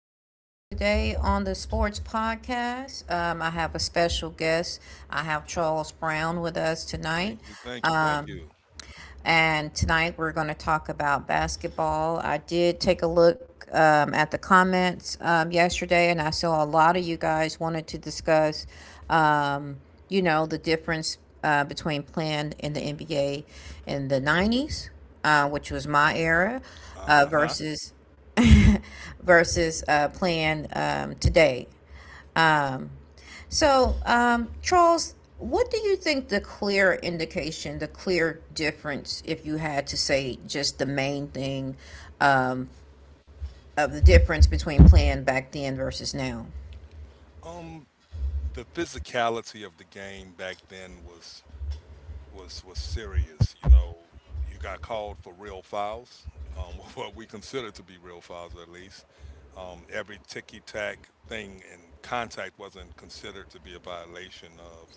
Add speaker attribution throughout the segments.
Speaker 1: joining us today on the Sports Podcast. I have a special guest. I have Charles Brown with us tonight.
Speaker 2: Thank you, thank you, thank
Speaker 1: Um,
Speaker 2: you.
Speaker 1: and tonight we're going to talk about basketball. I did take a look at the comments yesterday, and I saw a lot of you guys wanted to discuss, um, the difference between playing in the NBA in the '90s, which was my era,
Speaker 2: Uh-huh.
Speaker 1: versus versus playing today. Um, so, Charles, what do you think the clear indication, the clear difference, if you had to say just the main thing um, of the difference between plan back then versus now?
Speaker 2: Um, the physicality of the game back then was serious. You know, you got called for real fouls, what we consider to be real fouls at least. Every ticky tack thing and contact wasn't considered to be a violation of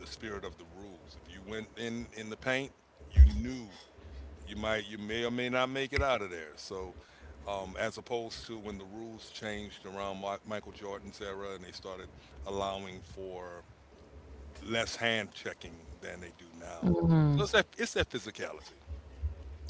Speaker 2: the spirit of the rules. If you went in the paint, you knew you might you may or may not make it out of there. So, as opposed to when the rules changed around Michael Jordan's era, and they started allowing for less hand checking than they do now. So it's that physicality.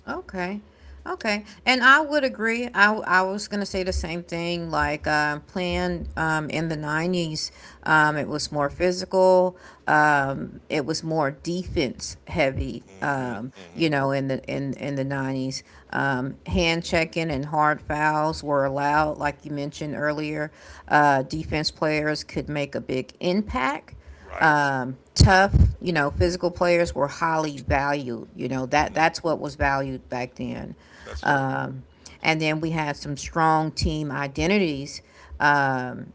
Speaker 1: Okay. Okay. And I would agree. I was going to say the same thing. Like, playing in the '90s, it was more physical, it was more defense heavy.
Speaker 2: hmm
Speaker 1: Um,
Speaker 2: hmm
Speaker 1: you know, in the in in the '90s, hand checking and hard fouls were allowed. Like you mentioned earlier, defense players could make a big impact
Speaker 2: Right.
Speaker 1: um, tough, physical players were highly valued. You know that
Speaker 2: hmm
Speaker 1: that's what was valued back then.
Speaker 2: That's true.
Speaker 1: Um, and then we had some strong team identities. Um,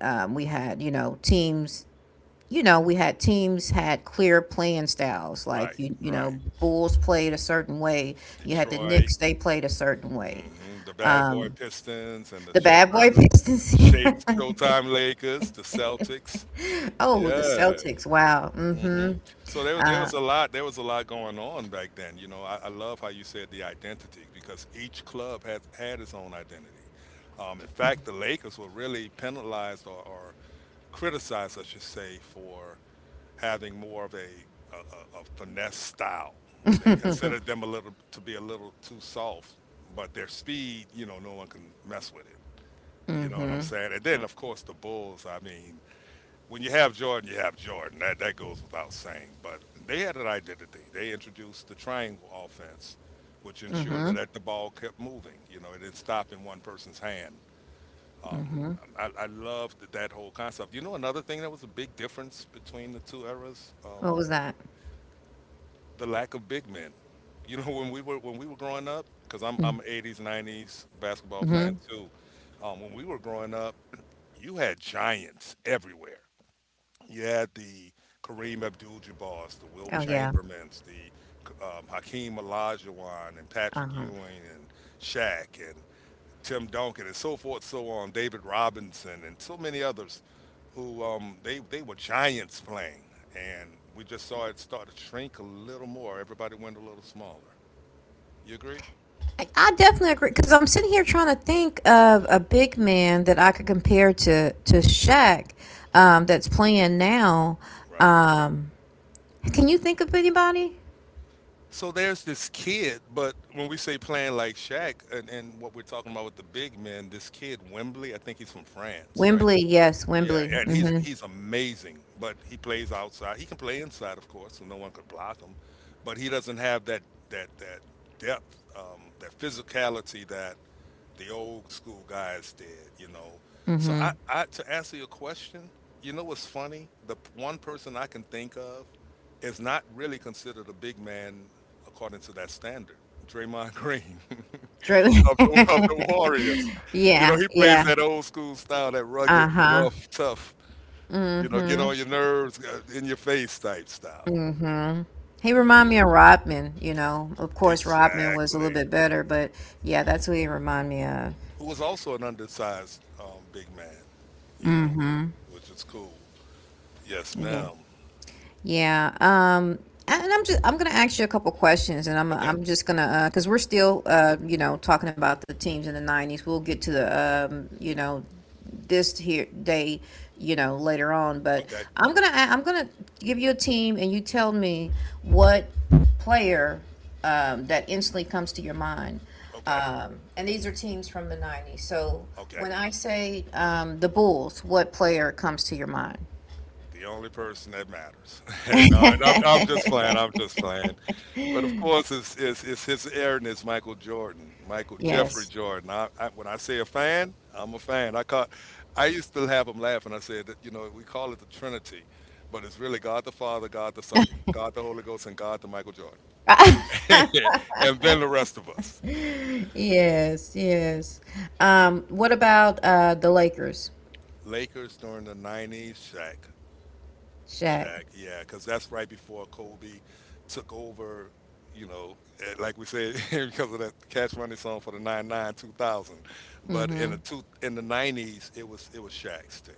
Speaker 1: we had, teams. We had teams had clear playing styles. Like
Speaker 2: Right.
Speaker 1: you, you know,
Speaker 2: Right.
Speaker 1: Bulls played a certain way. You had the
Speaker 2: Detroit.
Speaker 1: Knicks; they played a certain way.
Speaker 2: The Bad Boy
Speaker 1: Um,
Speaker 2: Pistons and the
Speaker 1: the Bad Boy
Speaker 2: Showtime
Speaker 1: Pistons.
Speaker 2: Shades,
Speaker 1: Like,
Speaker 2: Showtime Lakers, the Celtics.
Speaker 1: oh, the
Speaker 2: Yeah.
Speaker 1: Celtics. Wow. Mm-hmm.
Speaker 2: Mhm. So there was a lot, there was a lot going on back then. You know, I love how you said the identity, because each club has had its own identity. In fact, the Lakers were really penalized or criticized, I should say, for having more of a finesse style. They considered them a little to be a little too soft, but their speed, you know, no one can mess with it. You know what
Speaker 1: Mm-hmm.
Speaker 2: I'm saying? And then, of course, the Bulls. I mean, when you have Jordan, you have Jordan. That goes without saying. But they had an identity. They introduced the triangle offense, which ensured
Speaker 1: Mm-hmm.
Speaker 2: that the ball kept moving. You know, it didn't stop in one person's hand.
Speaker 1: Mhm.
Speaker 2: I loved that whole concept. You know, another thing that was a big difference between the two eras,
Speaker 1: What was that?
Speaker 2: the lack of big men. You know, when we were growing up, because I'm
Speaker 1: Mm.
Speaker 2: I'm 80s 90s basketball
Speaker 1: Mhm.
Speaker 2: fan too. When we were growing up, you had giants everywhere. You
Speaker 1: Mhm.
Speaker 2: had the
Speaker 1: Mhm.
Speaker 2: Kareem Abdul-Jabbars, the Wilt
Speaker 1: Oh yeah.
Speaker 2: Chambermans, the Hakeem Olajuwon, and Patrick
Speaker 1: Uh-huh.
Speaker 2: Ewing, and Shaq, and Tim Duncan, and so forth, so on. David Robinson, and so many others, who they were giants playing, and we just saw it start to shrink a little more. Everybody went a little smaller. You agree?
Speaker 1: I definitely agree because I'm sitting here trying to think of a big man that I could compare to Shaq, that's playing now.
Speaker 2: Right.
Speaker 1: Um, can you think of anybody?
Speaker 2: So there's this kid, but when we say playing like Shaq and what we're talking about with the big men, this kid Wembley, I think he's from France, right?
Speaker 1: Wembley,
Speaker 2: This,
Speaker 1: yes,
Speaker 2: yeah,
Speaker 1: Wembley.
Speaker 2: and he's
Speaker 1: Mhm.
Speaker 2: he's amazing, but he plays outside. He can play inside, of course, so no one can block him, but he doesn't have that that that depth, that physicality that the old school guys did, you know. So
Speaker 1: Mhm.
Speaker 2: I to answer your question, you know what's funny? One person I can think of is not really considered a big man according to that standard. Draymond Green
Speaker 1: Drew.
Speaker 2: of the Warriors. You know,
Speaker 1: Yeah.
Speaker 2: he plays
Speaker 1: Yeah.
Speaker 2: that old school style, that
Speaker 1: Uh
Speaker 2: rugged,
Speaker 1: huh.
Speaker 2: rough, tough, you know, get on your nerves, in your face type style.
Speaker 1: Mm-hmm. He
Speaker 2: Yeah,
Speaker 1: remind me of Rodman. Of course, Rodman was a little
Speaker 2: exactly.
Speaker 1: bit better, but yeah, that's who he remind me of.
Speaker 2: Who was also an undersized big man, you know,
Speaker 1: Mm-hmm.
Speaker 2: which was cool. Yes,
Speaker 1: Yeah.
Speaker 2: ma'am.
Speaker 1: Yeah. And I'm gonna ask you a couple questions, and I'm
Speaker 2: Okay,
Speaker 1: I'm just gonna because we're still talking about the teams in the '90s. We'll get to the this here day later on, but
Speaker 2: okay,
Speaker 1: I'm gonna give you a team, and you tell me what player that instantly comes to your mind.
Speaker 2: okay,
Speaker 1: And these are teams from the '90s. So
Speaker 2: okay.
Speaker 1: when I say the Bulls, what player comes to your mind?
Speaker 2: The only person that matters. And no, and I'm just playing. I'm just playing. But of course, it's his Aaron is Michael Jordan, Michael Jeffrey
Speaker 1: Yes.
Speaker 2: Jordan. When I say a fan, I'm a fan. I caught. I used to have him laugh, and I said that you know we call it the Trinity, but it's really God the Father, God the Son, God the Holy Ghost, and God the Michael Jordan, and then the rest of us.
Speaker 1: Yes, yes. What about the Lakers,
Speaker 2: Lakers during the '90s, Shaq.
Speaker 1: Shaq?
Speaker 2: Shaq, yeah, because that's right before Kobe took over. You know, eh, like we said, because of that Cash Money song for the '99-2000. But
Speaker 1: Mm-hmm.
Speaker 2: in '90s, it was Shaq's team.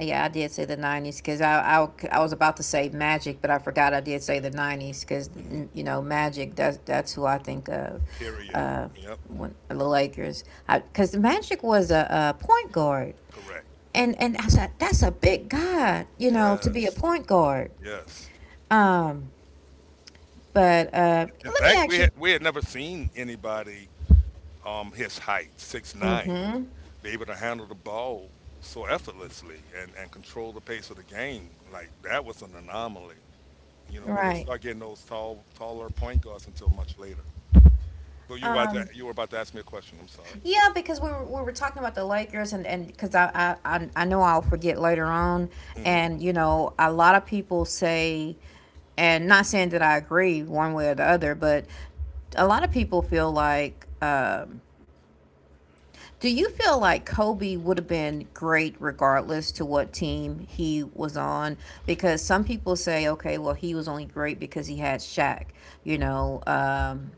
Speaker 1: Yeah, I did say the '90s because I was about to say Magic, but I forgot I did say the '90s because
Speaker 2: hmm
Speaker 1: you know Magic. That's who I think of.
Speaker 2: Period.
Speaker 1: Uh,
Speaker 2: Yep.
Speaker 1: the Lakers, because the Magic was a point guard,
Speaker 2: Correct.
Speaker 1: and I said that's a big guy, you know, to be a
Speaker 2: Yes.
Speaker 1: point guard.
Speaker 2: Yes.
Speaker 1: Um, but
Speaker 2: In
Speaker 1: let me
Speaker 2: fact, we
Speaker 1: ask you.
Speaker 2: had we had never seen anybody his height 6'9"
Speaker 1: Mm-hmm.
Speaker 2: be able to handle the ball so effortlessly and control the pace of the game. Like that was an anomaly. You know, we didn't
Speaker 1: Right.
Speaker 2: start getting those taller point guards until much later. But
Speaker 1: Um,
Speaker 2: you were about to ask me a question. I'm sorry.
Speaker 1: yeah, because we were talking about the Lakers and because I know I'll forget later on,
Speaker 2: hmm
Speaker 1: and you know a lot of people say, and not saying that I agree one way or the other, but a lot of people feel like, do you feel like Kobe would have been great regardless to what team he was on? Because some people say, okay, well he was only great because he had Shaq, you know. Um,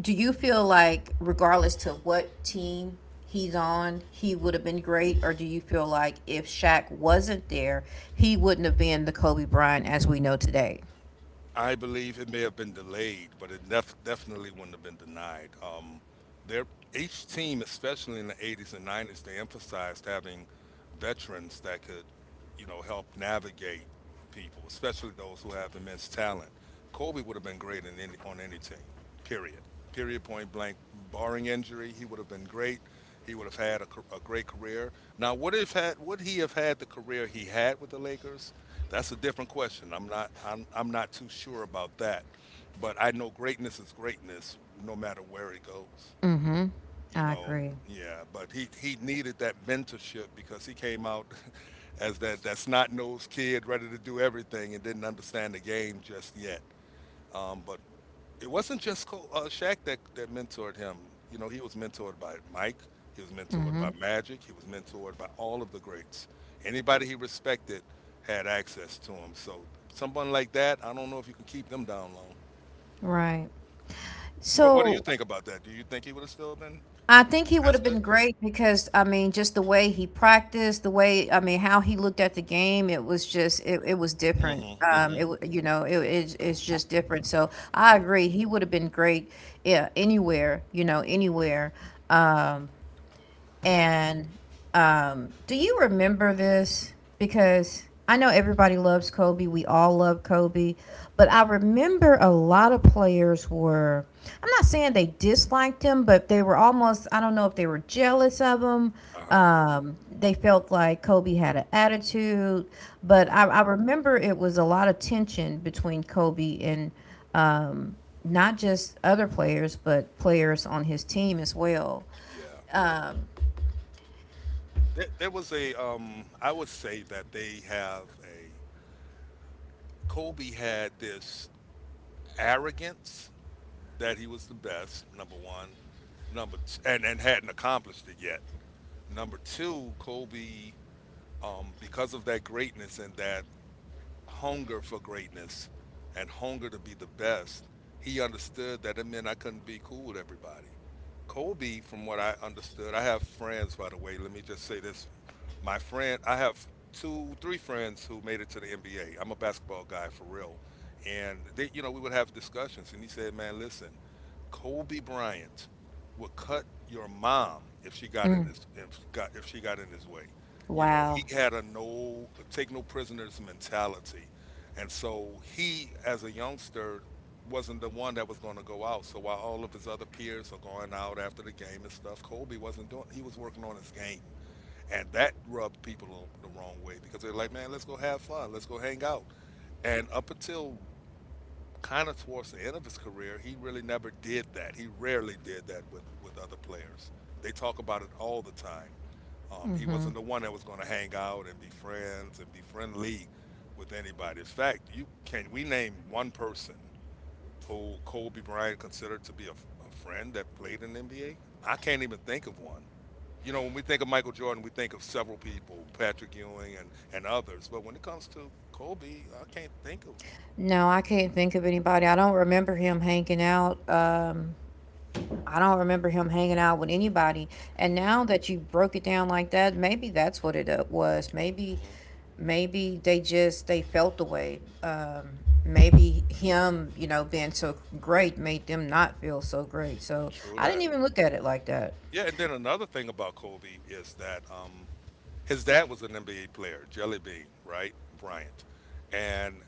Speaker 1: do you feel like regardless to what team he's on, he would have been great, or do you feel like if Shaq wasn't there, he wouldn't have been the Kobe Bryant as we know today?
Speaker 2: I believe it may have been delayed, but it definitely wouldn't have been denied. Their Each team, especially in the 80s and 90s, they emphasized having veterans that could, you know, help navigate people, especially those who have immense talent. Kobe would have been great on any team, period. Period, point blank. Barring injury, he would have been great. He would have had a great career. Now, would if had would he have had the career he had with the Lakers? That's a different question. I'm not too sure about that, but I know greatness is greatness, no matter where it goes,
Speaker 1: Mm-hmm.
Speaker 2: you
Speaker 1: I
Speaker 2: know.
Speaker 1: agree.
Speaker 2: Yeah, but he needed that mentorship, because he came out as that snot nosed kid ready to do everything and didn't understand the game just yet. But it wasn't just Shaq that mentored him. You know, he was mentored by Mike. He was mentored by
Speaker 1: Mm-hmm.
Speaker 2: Magic. He was mentored by all of the greats. Anybody he respected had access to him. So someone like that, I don't know if you can keep them down long.
Speaker 1: Right.
Speaker 2: What do you
Speaker 1: So
Speaker 2: think about that? Do you think he would have still been
Speaker 1: I think he
Speaker 2: as
Speaker 1: would have
Speaker 2: good?
Speaker 1: been great because I mean, just the way he practiced, the way I mean, how he looked at the game, it was just it, it was different.
Speaker 2: Mm-hmm. Mm-hmm.
Speaker 1: It wa- you know it, it it's just different. So I agree, he would have been great, yeah, anywhere you know anywhere. Um, and do you remember this? Because I know everybody loves Kobe. We all love Kobe. But I remember a lot of players were, I'm not saying they disliked him, but they were almost, I don't know if they were jealous of him.
Speaker 2: Uh
Speaker 1: They felt like Kobe had an attitude. But
Speaker 2: huh.
Speaker 1: I remember it was a lot of tension between Kobe and um, not just other players, but players on his team as well.
Speaker 2: Yeah. There was I would say that they have Kobe had this arrogance that he was the best, number one. Number two, and hadn't accomplished it yet. Number two, Kobe, because of that greatness and that hunger for greatness and hunger to be the best, he understood that it meant I couldn't be cool with everybody. Kobe, from what I understood, I have friends, by the way. Let me just say this. My friend, I have two, three friends who made it to the NBA. I'm a basketball guy for real. And they, you know, we would have discussions, and he said, "Man, listen, Kobe Bryant would cut your mom if she got in
Speaker 1: Mm.
Speaker 2: his if she got in his way." You know,
Speaker 1: Wow.
Speaker 2: he had a no take no prisoners mentality. And so he, as a youngster, wasn't the one that was going to go out. So while all of his other peers are going out after the game and stuff, Kobe wasn't doing he was working on his game. And that rubbed people the wrong way, because they're like, man, let's go have fun. Let's go hang out. And up until kind of towards the end of his career, he really never did that. He rarely did that with other players. They talk about it all the time. He
Speaker 1: Mm-hmm.
Speaker 2: wasn't the one that was going to hang out and be friends and be friendly with anybody. In fact, you can we name one person who Kobe Bryant considered to be a friend that played in the NBA? I can't even think of one. You know, when we think of Michael Jordan, we think of several people, Patrick Ewing and others. But when it comes to Kobe, I can't think of.
Speaker 1: No, I can't think of anybody. I don't remember him hanging out. I don't remember him hanging out with anybody. And
Speaker 2: hmm
Speaker 1: now that you broke it down like that, maybe that's what it was. Maybe,
Speaker 2: hmm
Speaker 1: maybe they felt the way. Maybe him, being so great made them not feel so great. So
Speaker 2: True
Speaker 1: I didn't
Speaker 2: that.
Speaker 1: even look at it like that.
Speaker 2: Yeah, and then another thing about Kobe is that his dad was an NBA player, Jelly Bean, right? Bryant. And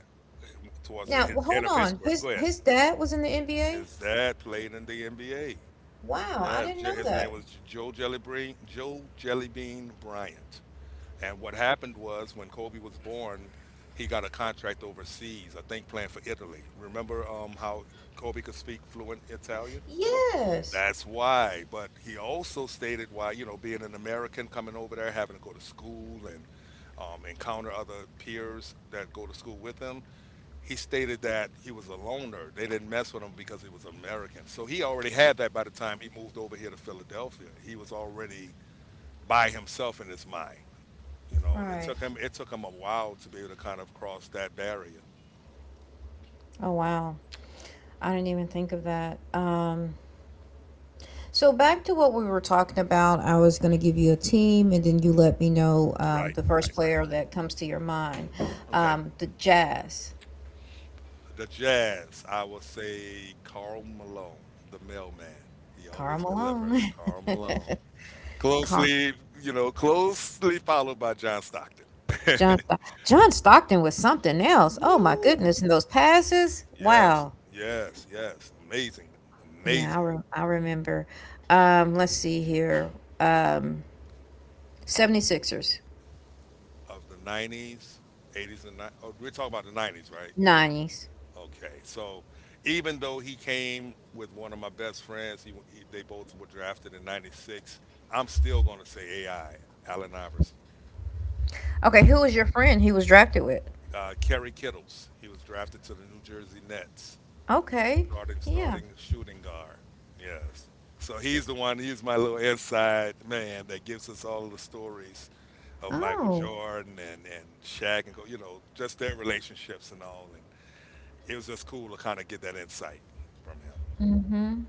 Speaker 2: towards the
Speaker 1: Now,
Speaker 2: hit-
Speaker 1: well,
Speaker 2: end
Speaker 1: hold
Speaker 2: of his
Speaker 1: on.
Speaker 2: career,
Speaker 1: His
Speaker 2: go ahead.
Speaker 1: his dad was in the NBA.
Speaker 2: His dad played in the NBA.
Speaker 1: Wow, I
Speaker 2: Yeah,
Speaker 1: didn't know
Speaker 2: his name
Speaker 1: that.
Speaker 2: was Joe Jelly Bean, Joe Jellybean Bryant. And what happened was when Kobe was born, he got a contract overseas, I think playing for Italy. Remember how Kobe could speak fluent Italian?
Speaker 1: Yes.
Speaker 2: That's why. But he also stated why, you know, being an American coming over there, having to go to school and encounter other peers that go to school with him, he stated that he was a loner. They didn't mess with him because he was American. So he already had that by the time he moved over here to Philadelphia. He was already by himself in his mind. You know, and
Speaker 1: Right.
Speaker 2: it took him a while to be able to kind of cross that barrier.
Speaker 1: Oh wow. I didn't even think of that. So back to what we were talking about, I was going to give you a team, and then you let me know
Speaker 2: Right,
Speaker 1: the first
Speaker 2: right, right,
Speaker 1: player
Speaker 2: right.
Speaker 1: that comes to your mind.
Speaker 2: Okay.
Speaker 1: The Jazz,
Speaker 2: The Jazz, I will say Carl Malone, the mailman. He
Speaker 1: Karl
Speaker 2: always delivers,
Speaker 1: Malone,
Speaker 2: Carl Malone.
Speaker 1: Carl,
Speaker 2: Closely, you know, closely followed by John Stockton.
Speaker 1: John Stockton was something else. Oh my
Speaker 2: Woo!
Speaker 1: goodness, and those passes,
Speaker 2: Yes,
Speaker 1: wow.
Speaker 2: yes, yes. Amazing,
Speaker 1: Yeah, I,
Speaker 2: amazing.
Speaker 1: re- I remember. Let's see here. Um, 76ers,
Speaker 2: Of the 90s, 80s, and 90s. Oh, we're talking about the 90s, right?
Speaker 1: '90s.
Speaker 2: Okay, so even though he came with one of my best friends, he they both were drafted in '96. I'm still going to say AI, Allen Iverson.
Speaker 1: Okay, who was your friend he was drafted with?
Speaker 2: Kerry Kittles, he was drafted to the New Jersey Nets,
Speaker 1: Okay,
Speaker 2: starting
Speaker 1: yeah.
Speaker 2: starting shooting guard. Yes, so he's the one. He's my little inside man that gives us all of the stories of Michael
Speaker 1: Oh.
Speaker 2: Jordan and Shaq and go, you know, just their relationships and all. And it was just cool to kind of get that insight from
Speaker 1: Hmm.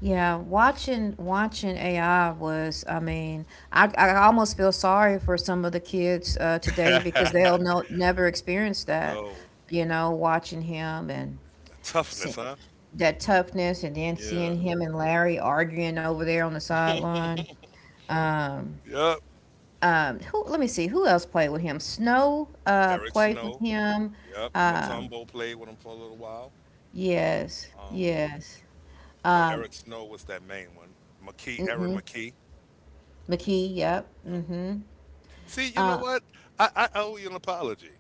Speaker 1: Yeah, watching AI was, I mean, I almost feel sorry for some of the kids
Speaker 2: him.
Speaker 1: today because they'll no, never experience that,
Speaker 2: No.
Speaker 1: watching him and
Speaker 2: Toughness,
Speaker 1: see,
Speaker 2: huh?
Speaker 1: that toughness and then seeing
Speaker 2: Yeah.
Speaker 1: him and Larry arguing over there on the sideline. Um,
Speaker 2: Yep.
Speaker 1: who, let me see, who else played with him? Snow
Speaker 2: Eric
Speaker 1: played with
Speaker 2: Snow.
Speaker 1: him.
Speaker 2: Yep.
Speaker 1: Um,
Speaker 2: Matumbo played with him for a little while.
Speaker 1: yes,
Speaker 2: Um,
Speaker 1: yes.
Speaker 2: but
Speaker 1: Um,
Speaker 2: Eric Snow was that main one. McKee, Aaron
Speaker 1: mhm.
Speaker 2: McKee. Hmm.
Speaker 1: McKee, yep.
Speaker 2: Yep.
Speaker 1: Mm-hmm.
Speaker 2: See, you know
Speaker 1: Uh,
Speaker 2: what? I owe you an apology.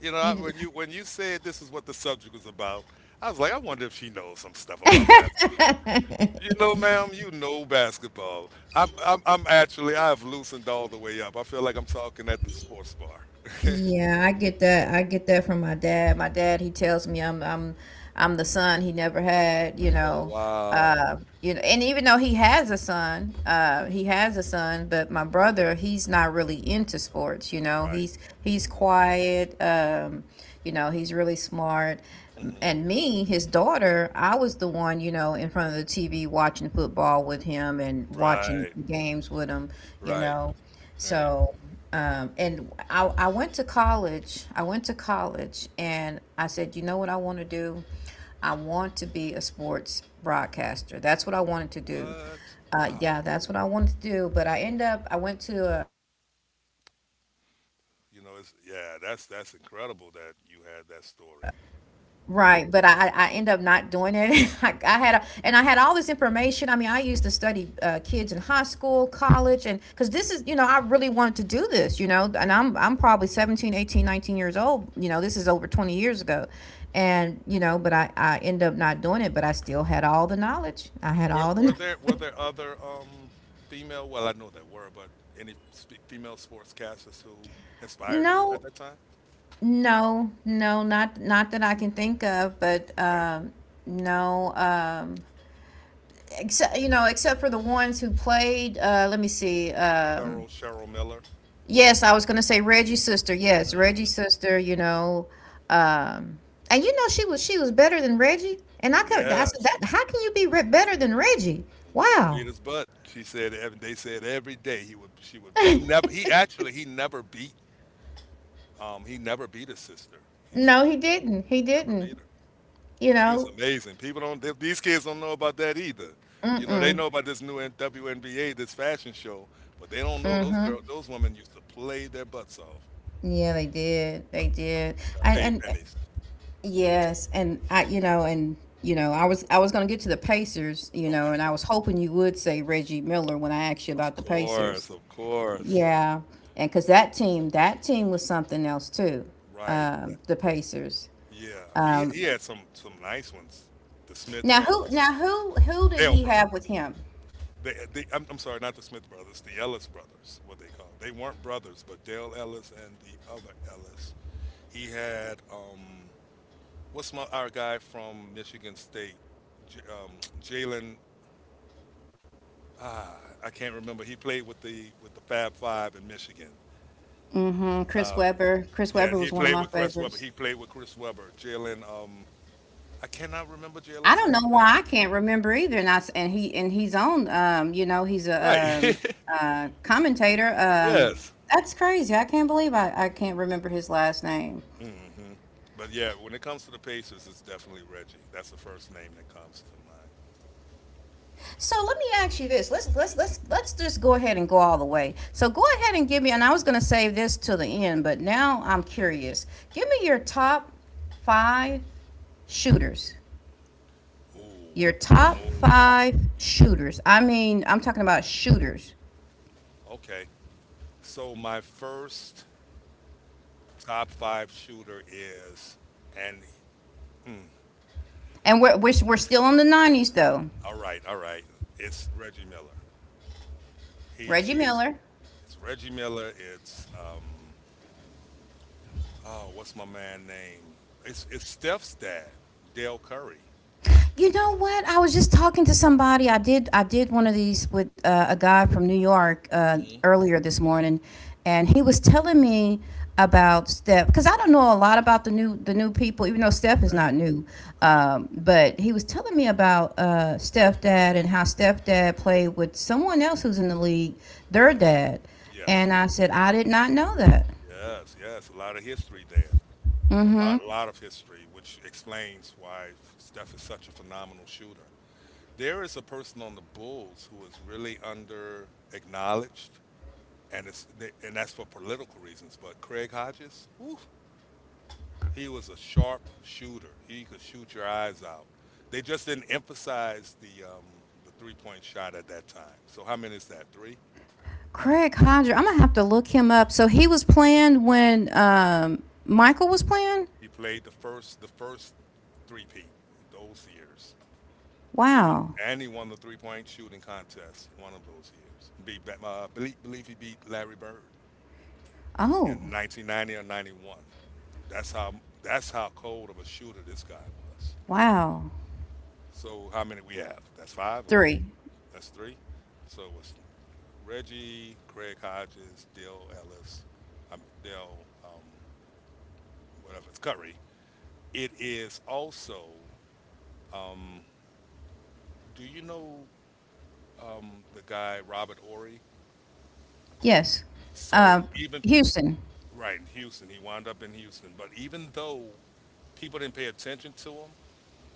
Speaker 2: You know, I,
Speaker 1: you
Speaker 2: when you said this is what the subject was about, I was like, I wonder if she knows some stuff about basketball.
Speaker 1: did.
Speaker 2: You know, ma'am, you know basketball. I'm actually I've loosened all the way up. I feel like I'm talking at the sports bar.
Speaker 1: Yeah, I get that. I get that from my dad. My dad, he tells me I'm the son he never had, you
Speaker 2: Oh
Speaker 1: know.
Speaker 2: wow!
Speaker 1: And even though he has a son, he has a son, but my brother, he's not really into sports.
Speaker 2: Right.
Speaker 1: He's
Speaker 2: Mm-hmm.
Speaker 1: quiet. He's really smart. M-
Speaker 2: Mhm.
Speaker 1: And me, his daughter, I was the one, in front of the TV watching football with him and watching
Speaker 2: Right,
Speaker 1: games with him, you
Speaker 2: right,
Speaker 1: know.
Speaker 2: right.
Speaker 1: So, and I went to college. I went to college and I said, you know what I want to do? I want to be a sports broadcaster. That's what I wanted to do.
Speaker 2: What?
Speaker 1: Yeah,
Speaker 2: Wow.
Speaker 1: that's what I wanted to do. But I end up, I went to a
Speaker 2: You know, it's
Speaker 1: historical black
Speaker 2: yeah,
Speaker 1: college.
Speaker 2: that's incredible that you had that
Speaker 1: Right, but
Speaker 2: story.
Speaker 1: I end up not doing it. And I had all this information. I mean, I used to study kids in high school, college, and because this is, I really wanted to do this, and
Speaker 2: Okay,
Speaker 1: I'm
Speaker 2: okay.
Speaker 1: probably 17, 18, 19 years old. You know, this is over 20 years ago. And, but I end up not doing it, but I still had all the knowledge. I had
Speaker 2: Were
Speaker 1: all
Speaker 2: were
Speaker 1: the
Speaker 2: there were there other female? Well, I know there were, but any female sportscasters who inspired you at
Speaker 1: No,
Speaker 2: that time?
Speaker 1: no, no, not that I can think of, but
Speaker 2: Okay,
Speaker 1: no, except except for the ones who played. Let me see. Um,
Speaker 2: Cheryl Miller.
Speaker 1: yes, I was gonna say Reggie's sister. Yes,
Speaker 2: Hmm.
Speaker 1: Reggie's sister. Um, and you know she was better than Reggie. And I said
Speaker 2: Yes.
Speaker 1: that how can you be better than Reggie?
Speaker 2: And he used to
Speaker 1: Wow.
Speaker 2: beat his butt. She said every they said every day he would she would he never he actually he never beat his sister. He said
Speaker 1: No, he didn't. He
Speaker 2: never beat
Speaker 1: didn't.
Speaker 2: her.
Speaker 1: You
Speaker 2: Well, she was
Speaker 1: know.
Speaker 2: amazing. People don't, these kids don't know about that either.
Speaker 1: Mm
Speaker 2: You know, they
Speaker 1: mm.
Speaker 2: know about this new WNBA, this fashion show, but they don't know
Speaker 1: Mm
Speaker 2: those
Speaker 1: hmm.
Speaker 2: girls, those women used to play their butts off.
Speaker 1: Yeah, they did. They did.
Speaker 2: Got paid
Speaker 1: And
Speaker 2: pennies.
Speaker 1: Yes, and I, and I was going to get to the Pacers,
Speaker 2: Okay.
Speaker 1: and I was hoping you would say Reggie Miller when I asked you
Speaker 2: Of
Speaker 1: about the Pacers.
Speaker 2: course, of course.
Speaker 1: Yeah, and because that team was something else too.
Speaker 2: Right.
Speaker 1: The Pacers.
Speaker 2: Yeah.
Speaker 1: Um,
Speaker 2: He had some nice ones. The Smith
Speaker 1: now who,
Speaker 2: brothers,
Speaker 1: now who, who did
Speaker 2: Dale
Speaker 1: he
Speaker 2: brothers.
Speaker 1: have with him?
Speaker 2: I'm sorry, not the Smith brothers, the Ellis brothers, what they called. They weren't brothers, but Dale Ellis and the other Ellis. He had what's my our guy from Michigan State, J- um, Jalen? Ah, I can't remember. He played with the Fab Five in Michigan.
Speaker 1: Hmm. Chris
Speaker 2: Um,
Speaker 1: Webber. Chris
Speaker 2: yeah,
Speaker 1: Webber
Speaker 2: he
Speaker 1: was one of
Speaker 2: played
Speaker 1: my
Speaker 2: with Chris Webber.
Speaker 1: favorites.
Speaker 2: He played with Chris Webber. Jalen. I cannot remember
Speaker 1: I
Speaker 2: Jalen's
Speaker 1: don't
Speaker 2: last
Speaker 1: know
Speaker 2: name.
Speaker 1: why I can't remember either. And I s- and he and he's on. He's a
Speaker 2: Right.
Speaker 1: commentator. Um,
Speaker 2: Yes.
Speaker 1: that's crazy. I can't believe I can't remember his last name.
Speaker 2: Hmm. But yeah, when it comes to the Pacers, it's definitely Reggie. That's the first name that comes to mind.
Speaker 1: So let me ask you this. Let's just go ahead and go all the way. So go ahead and give me. And I was going to save this till the end, but now I'm curious. Give me your top five shooters. Your
Speaker 2: Ooh.
Speaker 1: top
Speaker 2: Ooh.
Speaker 1: five shooters. I mean, I'm talking about shooters.
Speaker 2: Okay. So my first top five shooter is, and hmm,
Speaker 1: And we're still in the '90s though.
Speaker 2: all right, all right. It's Reggie Miller. He's
Speaker 1: Reggie
Speaker 2: he's
Speaker 1: Miller.
Speaker 2: it's Reggie Miller. It's oh what's my man name? It's Steph's dad, Dale Curry.
Speaker 1: You know what? I was just talking to somebody. I did. I did one of these with a guy from New York,
Speaker 2: Hmm.
Speaker 1: earlier this morning, and he was telling me about Steph because I don't know a lot about the new people, even though Steph is
Speaker 2: Okay.
Speaker 1: not new.
Speaker 2: Uh huh.
Speaker 1: But he was telling me about Steph dad and how Steph dad played with someone else who's in the league, their
Speaker 2: Hmm.
Speaker 1: dad,
Speaker 2: Yes.
Speaker 1: and I said I did not know that.
Speaker 2: Yes. Yes. A lot of history there. You know, a lot
Speaker 1: Mm-hmm.
Speaker 2: lot of history, which explains why Steph is such a phenomenal shooter. There is a person on the Bulls who is really under acknowledged, and that's for political reasons. But Craig Hodges, whew, he was a sharp shooter. He could shoot your eyes out. They just didn't emphasize the three-point shot at that time. So how many is that? Three.
Speaker 1: Craig Hodger. I'm gonna have to look him up. So he was playing when Michael was playing.
Speaker 2: He played the first three peat those years. He even
Speaker 1: Wow.
Speaker 2: and he won the three-point shooting contest one of those years. Beat believe he beat Larry Bird
Speaker 1: Oh,
Speaker 2: in 1990 or 91. That's how that's how cold of a shooter this guy was.
Speaker 1: wow.
Speaker 2: So how many we have? That's five or four.
Speaker 1: Three.
Speaker 2: That's three. So it was Reggie, Craig Hodges, Dale Ellis, Dale, whatever it's Curry. It is also. Do you know the guy Robert Ory?
Speaker 1: Yes.
Speaker 2: So
Speaker 1: Uh,
Speaker 2: even
Speaker 1: Houston.
Speaker 2: right in Houston, he wound up in Houston. But even though people didn't pay attention to him,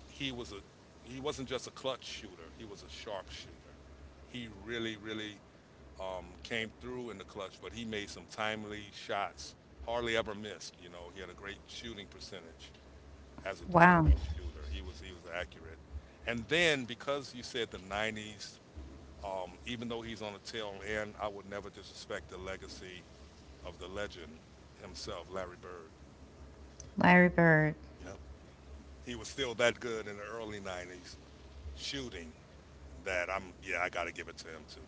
Speaker 2: he was a he wasn't just a clutch shooter. He was a sharp shooter. He really came through in the clutch, but he made some timely shots. Hardly ever missed. You know, he had a great shooting percentage as a
Speaker 1: Wow.
Speaker 2: three-point shooter. He was accurate. And then because you said the 90s, even though he's on the tail end, I would never disrespect the legacy of the legend himself, Larry Bird.
Speaker 1: Larry Bird.
Speaker 2: Yep. He was still that good in the early 90s shooting that I got to give it to him too.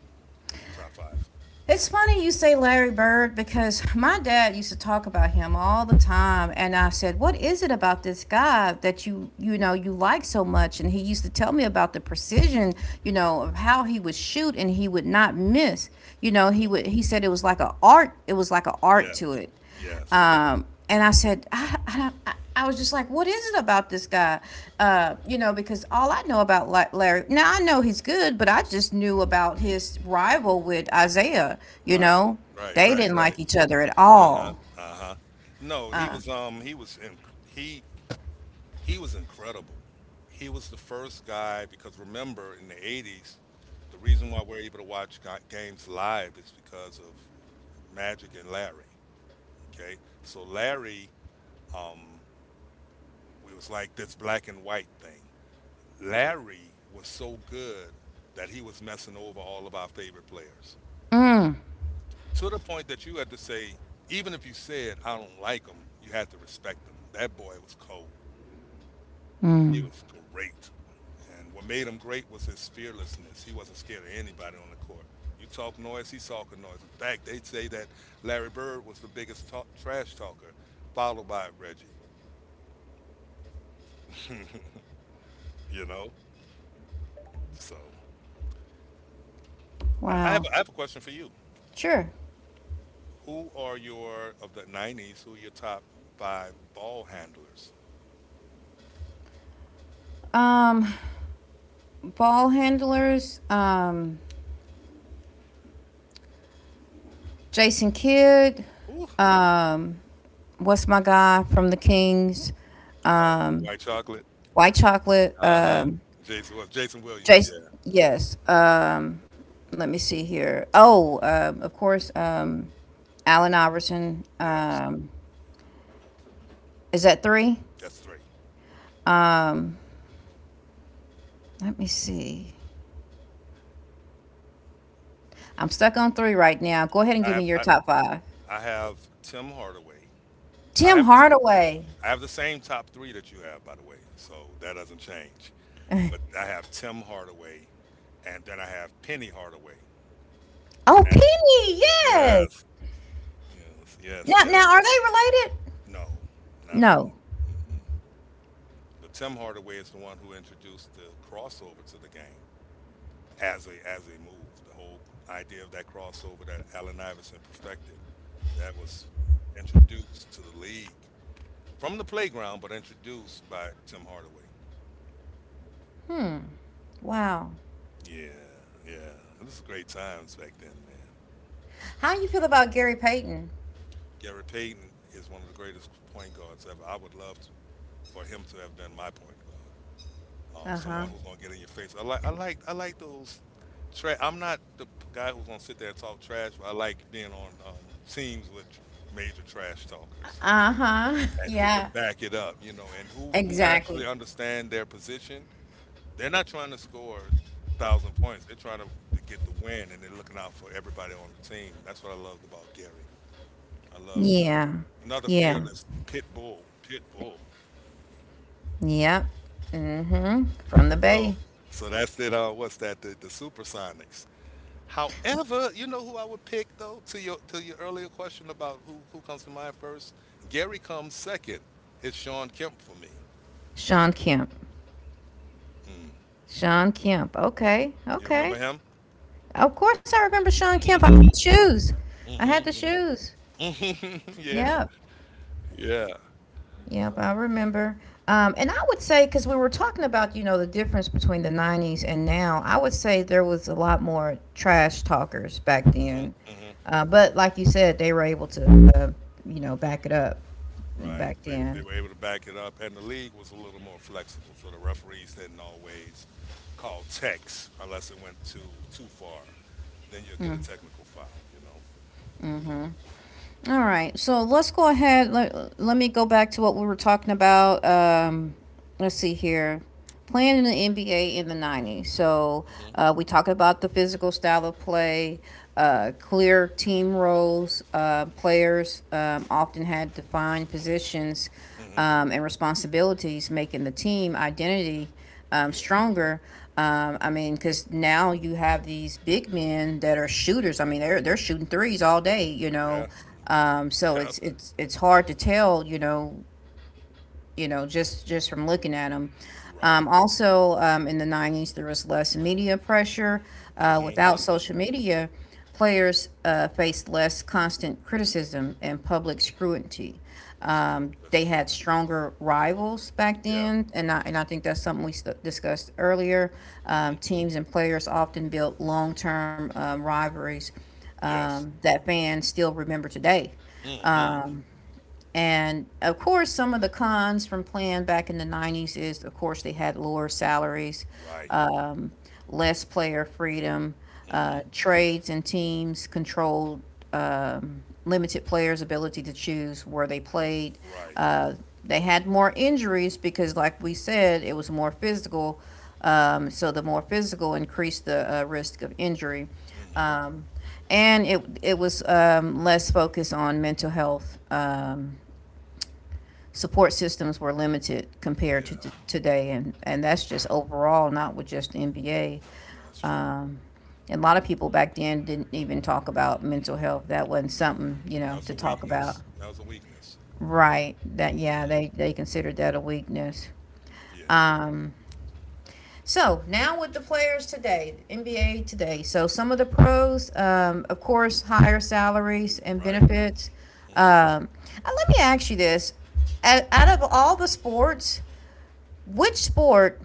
Speaker 2: Top 5.
Speaker 1: It's funny you say Larry Bird because my dad used to talk about him all the time and I said, "What is it about this guy that you like so much?" And he used to tell me about the precision, you know, of how he would shoot and he would not miss. You
Speaker 2: And I
Speaker 1: know, he
Speaker 2: miss.
Speaker 1: would he said it was like an art, it was like an art to
Speaker 2: Yes.
Speaker 1: it.
Speaker 2: Yes.
Speaker 1: And I said, I was just like, what is it about this guy? You know, because all I know about Larry, now I know he's good, but I just knew about his rival with Isaiah. You
Speaker 2: Right.
Speaker 1: know,
Speaker 2: Right,
Speaker 1: they
Speaker 2: right,
Speaker 1: didn't like
Speaker 2: right.
Speaker 1: each other at
Speaker 2: Uh-huh.
Speaker 1: all.
Speaker 2: Uh-huh. No, he He was incredible. He was the first guy because remember in the 80s, the reason why we're able to watch games live is because of Magic and Larry. Okay, so Larry, um, it was like this black and white thing. Larry was so good that he was messing over all of our favorite players to the point that you had to say, even if you said I don't like him, you had to respect him. That boy was cold. He was great. And what made him great was his fearlessness. He wasn't scared of anybody on the court. You talk noise, he's talking noise. In fact, they say that Larry Bird was the biggest talk, trash talker, followed by Reggie. You know, so
Speaker 1: Wow.
Speaker 2: I have a question for you.
Speaker 1: Sure.
Speaker 2: Who are your of the '90s? Who are your top five ball handlers?
Speaker 1: Um, Ball handlers, Jason Kidd,
Speaker 2: Ooh,
Speaker 1: um, what's my guy from the Kings? Um,
Speaker 2: white chocolate.
Speaker 1: White Chocolate,
Speaker 2: Uh huh. Jason Williams.
Speaker 1: Jason,
Speaker 2: Yeah,
Speaker 1: yes. Let me see here. Oh, of course, Allen Iverson.
Speaker 2: yeah.
Speaker 1: Is that three?
Speaker 2: That's three.
Speaker 1: Um, Let me see. I'm stuck on three right now. Go ahead and
Speaker 2: I
Speaker 1: give me
Speaker 2: have
Speaker 1: your
Speaker 2: I,
Speaker 1: top five.
Speaker 2: I have Tim Hardaway. I
Speaker 1: Tim
Speaker 2: have the
Speaker 1: Hardaway.
Speaker 2: I have the same top three that you have, by the way, so that doesn't change. But I have Tim Hardaway, and then I have Penny Hardaway.
Speaker 1: Oh,
Speaker 2: Af-
Speaker 1: Penny. Yes.
Speaker 2: Yes, yes, yes,
Speaker 1: Now,
Speaker 2: yes.
Speaker 1: now, are they related?
Speaker 2: No, not at
Speaker 1: No.
Speaker 2: all. Mm-mm. But Tim Hardaway is the one who introduced the crossover to the game as a move. The whole idea of that crossover that Allen Iverson perfected, that was introduced to the league from the playground, but introduced by Tim Hardaway.
Speaker 1: Hmm. Wow.
Speaker 2: Yeah, yeah. It was great times back then, man.
Speaker 1: How you feel about Gary Payton?
Speaker 2: Gary Payton is one of the greatest point guards ever. I would love t for him to have been my point guard.
Speaker 1: Uh huh.
Speaker 2: Someone who's gonna get in your face. I like those. I'm not the guy who's gonna sit there and talk trash, but I like being on teams with major trash talkers
Speaker 1: Uh huh.
Speaker 2: and who can
Speaker 1: Yeah.
Speaker 2: back it up, you know, and who actually
Speaker 1: Exactly.
Speaker 2: understand their position. They're not trying to score thousand points. To get the win, and they're looking out for everybody on the team. That's what I loved about Gary. I love Gary.
Speaker 1: Yeah.
Speaker 2: Another
Speaker 1: Yeah.
Speaker 2: fearless pit bull.
Speaker 1: Yep. Mm-hmm. From the
Speaker 2: So,
Speaker 1: Bay.
Speaker 2: so that's it. What's that? The Supersonics. However, you know who I would pick though to your earlier question about who comes to mind first. Gary comes second. It's Sean Kemp for me.
Speaker 1: Sean Kemp.
Speaker 2: Mm.
Speaker 1: Sean Kemp. Okay.
Speaker 2: You remember
Speaker 1: Okay.
Speaker 2: him?
Speaker 1: Of course I remember Sean Kemp. I had the
Speaker 2: Hmm,
Speaker 1: shoes. I had the
Speaker 2: hmm.
Speaker 1: shoes.
Speaker 2: yeah,
Speaker 1: Yep.
Speaker 2: yeah.
Speaker 1: Yep. I remember. And I would say, because we were talking about, you know, the difference between the 90s and now, I would say there was a lot more trash talkers back
Speaker 2: Hmm,
Speaker 1: then.
Speaker 2: hmm.
Speaker 1: But like you said, they were able to, you know, back it up
Speaker 2: Right.
Speaker 1: back
Speaker 2: They
Speaker 1: then.
Speaker 2: were able to back it up, and the league was a little more flexible, so the referees didn't always call techs unless it went too far. Then you'll get a technical foul, you
Speaker 1: All right, so let's go ahead. Let me go back to what we were talking about. Let's see here. Playing in the NBA in the 90s. So
Speaker 2: know.
Speaker 1: we talked about the physical style of play, clear team roles. Players often had defined positions
Speaker 2: Hmm, hmm.
Speaker 1: and responsibilities, making the team identity
Speaker 2: Yeah.
Speaker 1: stronger. I mean, because now you have these big men that are shooters. I mean, they're shooting threes all day, you know.
Speaker 2: Yeah. And bring,
Speaker 1: Um, so
Speaker 2: yeah.
Speaker 1: it's it's it's hard to tell, you know, just from looking at them. Um,
Speaker 2: Right.
Speaker 1: also, um, in the 90s, there was less media pressure.
Speaker 2: Hmm,
Speaker 1: Without
Speaker 2: hmm.
Speaker 1: social media, players faced less constant criticism and public scrutiny.
Speaker 2: That's true. That's
Speaker 1: They had
Speaker 2: true.
Speaker 1: stronger rivals back
Speaker 2: Yeah.
Speaker 1: then, and I think that's something we discussed earlier.
Speaker 2: Hmm.
Speaker 1: Teams and players often built long term rivalries
Speaker 2: Yes.
Speaker 1: that fans still remember today.
Speaker 2: Hmm.
Speaker 1: And of course, some of the cons from Plan back in the 90s is, of course, they had lower salaries,
Speaker 2: Right.
Speaker 1: um, less player freedom,
Speaker 2: Hmm.
Speaker 1: trades and teams controlled limited players' ability to choose where they played.
Speaker 2: Right.
Speaker 1: Uh, they had more injuries because, like we said, it was more physical. So the more physical increased the risk of injury.
Speaker 2: Hmm.
Speaker 1: Um, and it was less focus on mental health, support systems were limited compared to
Speaker 2: Yeah.
Speaker 1: today, and that's just overall not with just the NBA,
Speaker 2: No, that's true.
Speaker 1: and a lot of people back then didn't even talk about mental health. That wasn't
Speaker 2: No,
Speaker 1: something, you
Speaker 2: that
Speaker 1: know,
Speaker 2: was
Speaker 1: to
Speaker 2: a
Speaker 1: talk about.
Speaker 2: weakness. That was a weakness.
Speaker 1: Right, that, yeah,
Speaker 2: Hmm.
Speaker 1: they considered that a weakness.
Speaker 2: Yeah.
Speaker 1: Um, so now with the players today, NBA today, so some of the pros, um, of course, higher salaries and
Speaker 2: Right.
Speaker 1: benefits,
Speaker 2: Hmm.
Speaker 1: um let me ask you this. Out of all the sports, which sport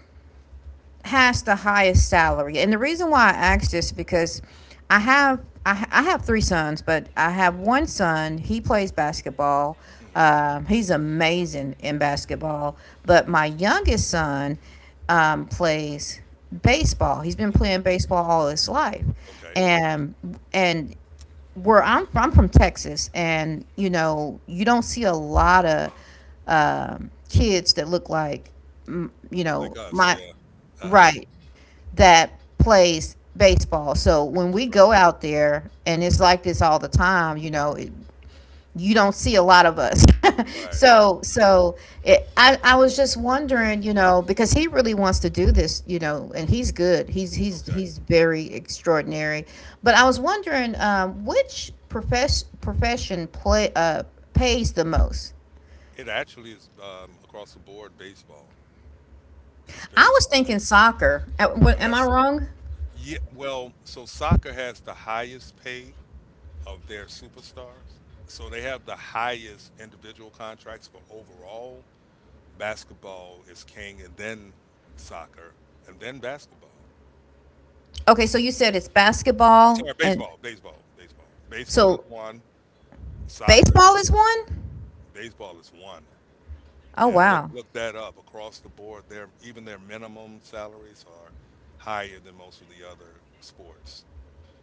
Speaker 1: has the highest salary? And the reason why I asked this is because I have 3 sons, but I have one son. He plays basketball. He's amazing in basketball. But my youngest son plays baseball. He's been
Speaker 2: Mhm.
Speaker 1: playing baseball all his life,
Speaker 2: Okay.
Speaker 1: and and where I'm from Texas, and you know you don't see a lot of kids that look like mm, you
Speaker 2: Like
Speaker 1: know
Speaker 2: us,
Speaker 1: my
Speaker 2: yeah. Uh-huh.
Speaker 1: right that plays baseball. So when we
Speaker 2: Right.
Speaker 1: go out there, and it's like this all the time, you know, it, you don't see a lot of us.
Speaker 2: Right, right,
Speaker 1: So,
Speaker 2: right.
Speaker 1: so it, I was just wondering, you know, because he really wants to do this, you know, and he's good. He's he's
Speaker 2: Okay.
Speaker 1: he's very extraordinary. But I was wondering profession play pays the most.
Speaker 2: It actually is across the board baseball. It's
Speaker 1: I was
Speaker 2: baseball.
Speaker 1: thinking soccer.
Speaker 2: Wow,
Speaker 1: Am I wrong?
Speaker 2: so soccer has the highest pay of their superstars. So they have the highest individual contracts, but overall, basketball is king and then soccer and then basketball.
Speaker 1: Okay, so you said it's
Speaker 2: I'm
Speaker 1: basketball,
Speaker 2: sorry,
Speaker 1: and
Speaker 2: baseball. Baseball is
Speaker 1: so
Speaker 2: one, soccer is
Speaker 1: Baseball is
Speaker 2: two,
Speaker 1: one?
Speaker 2: baseball is one.
Speaker 1: Oh
Speaker 2: Yeah,
Speaker 1: wow.
Speaker 2: look that up across the board. Their even their minimum salaries are higher than most of the other sports.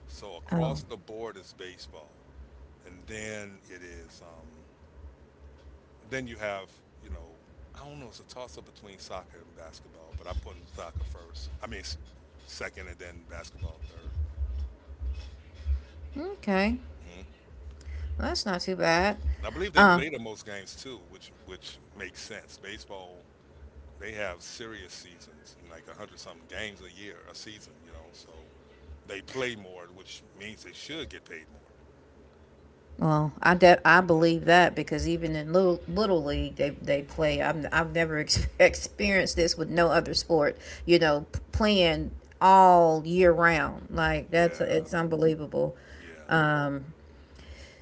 Speaker 2: So
Speaker 1: Oh,
Speaker 2: across the board is baseball, and then it is then you have you know I don't know it's a toss up between soccer and basketball, but I'm putting soccer first. Second, and then basketball 3rd.
Speaker 1: okay.
Speaker 2: Mm-hmm.
Speaker 1: Well, that's not too bad.
Speaker 2: I believe they
Speaker 1: Uh,
Speaker 2: play the most games too, which makes sense. Baseball they have serious seasons and like a hundred something games a year, a season, you know. So they play more, which means they should get paid more.
Speaker 1: well, I believe that because even in little league, they play. I'm I've never experienced this with no other sport. You know, playing all year round. Like that's
Speaker 2: Yeah,
Speaker 1: it's unbelievable.
Speaker 2: yeah.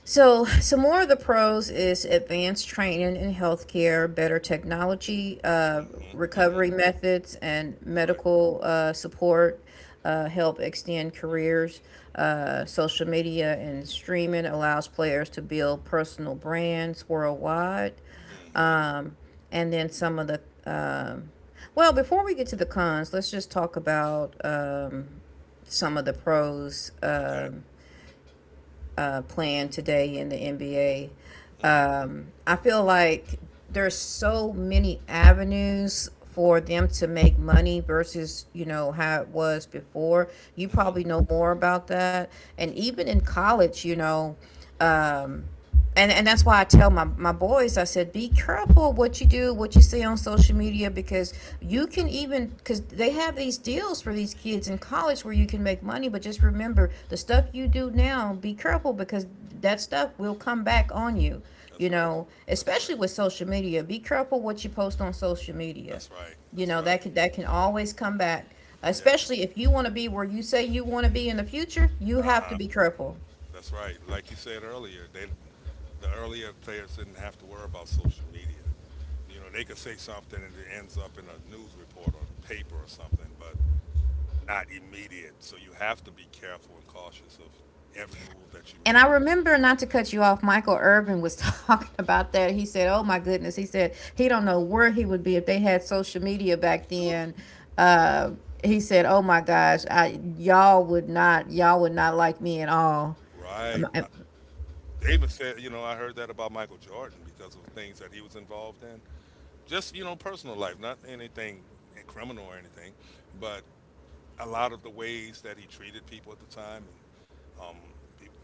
Speaker 1: So, some more of the pros is advanced training in healthcare, better technology,
Speaker 2: Mhm, mhm.
Speaker 1: recovery methods, and
Speaker 2: That's right.
Speaker 1: medical support help extend careers. Social media and streaming allows players to build personal brands worldwide.
Speaker 2: Mhm.
Speaker 1: And then some of the well, before we get to the cons, let's just talk about some of the pros.
Speaker 2: Okay.
Speaker 1: Playing today in the NBA.
Speaker 2: Mhm,
Speaker 1: I feel like there's so many avenues for them to make money versus you know how it was before. You
Speaker 2: mhm.
Speaker 1: probably know more about that, and even in college, you know. Um, and and that's why I tell my boys, I said be careful what you do, what you see on social media, because you can even, because they have these deals for these kids in college where you can make money, but just remember the stuff you do now, be careful, because that stuff will come back on you, you
Speaker 2: That's right.
Speaker 1: know,
Speaker 2: That's
Speaker 1: especially
Speaker 2: right.
Speaker 1: with social media. Be careful what you post on social media,
Speaker 2: That's right.
Speaker 1: you
Speaker 2: That's
Speaker 1: know,
Speaker 2: right.
Speaker 1: that can, that can always come back,
Speaker 2: Yes.
Speaker 1: especially if you want to be where you say you want to be in the future, you have to
Speaker 2: Uh-huh.
Speaker 1: be careful.
Speaker 2: That's right. Like you said earlier, they the earlier players didn't have to worry about social media. You know, they could say something and it ends up in a news report or paper or something, but not immediate. So you have to be careful and cautious of every move that you
Speaker 1: And I
Speaker 2: make.
Speaker 1: remember, not to cut you off, Michael Irvin was talking about that. He said, "Oh my goodness," he said he don't know where he would be if they had social media back
Speaker 2: Whew.
Speaker 1: then. Uh, he said, "Oh my gosh, I y'all would not like me at all." Um,
Speaker 2: Right. They even said, you know, I heard that about Michael Jordan because of things that he was involved in. Just, you know, personal life, not anything criminal or anything, but a lot of the ways that he treated people at the time. And um,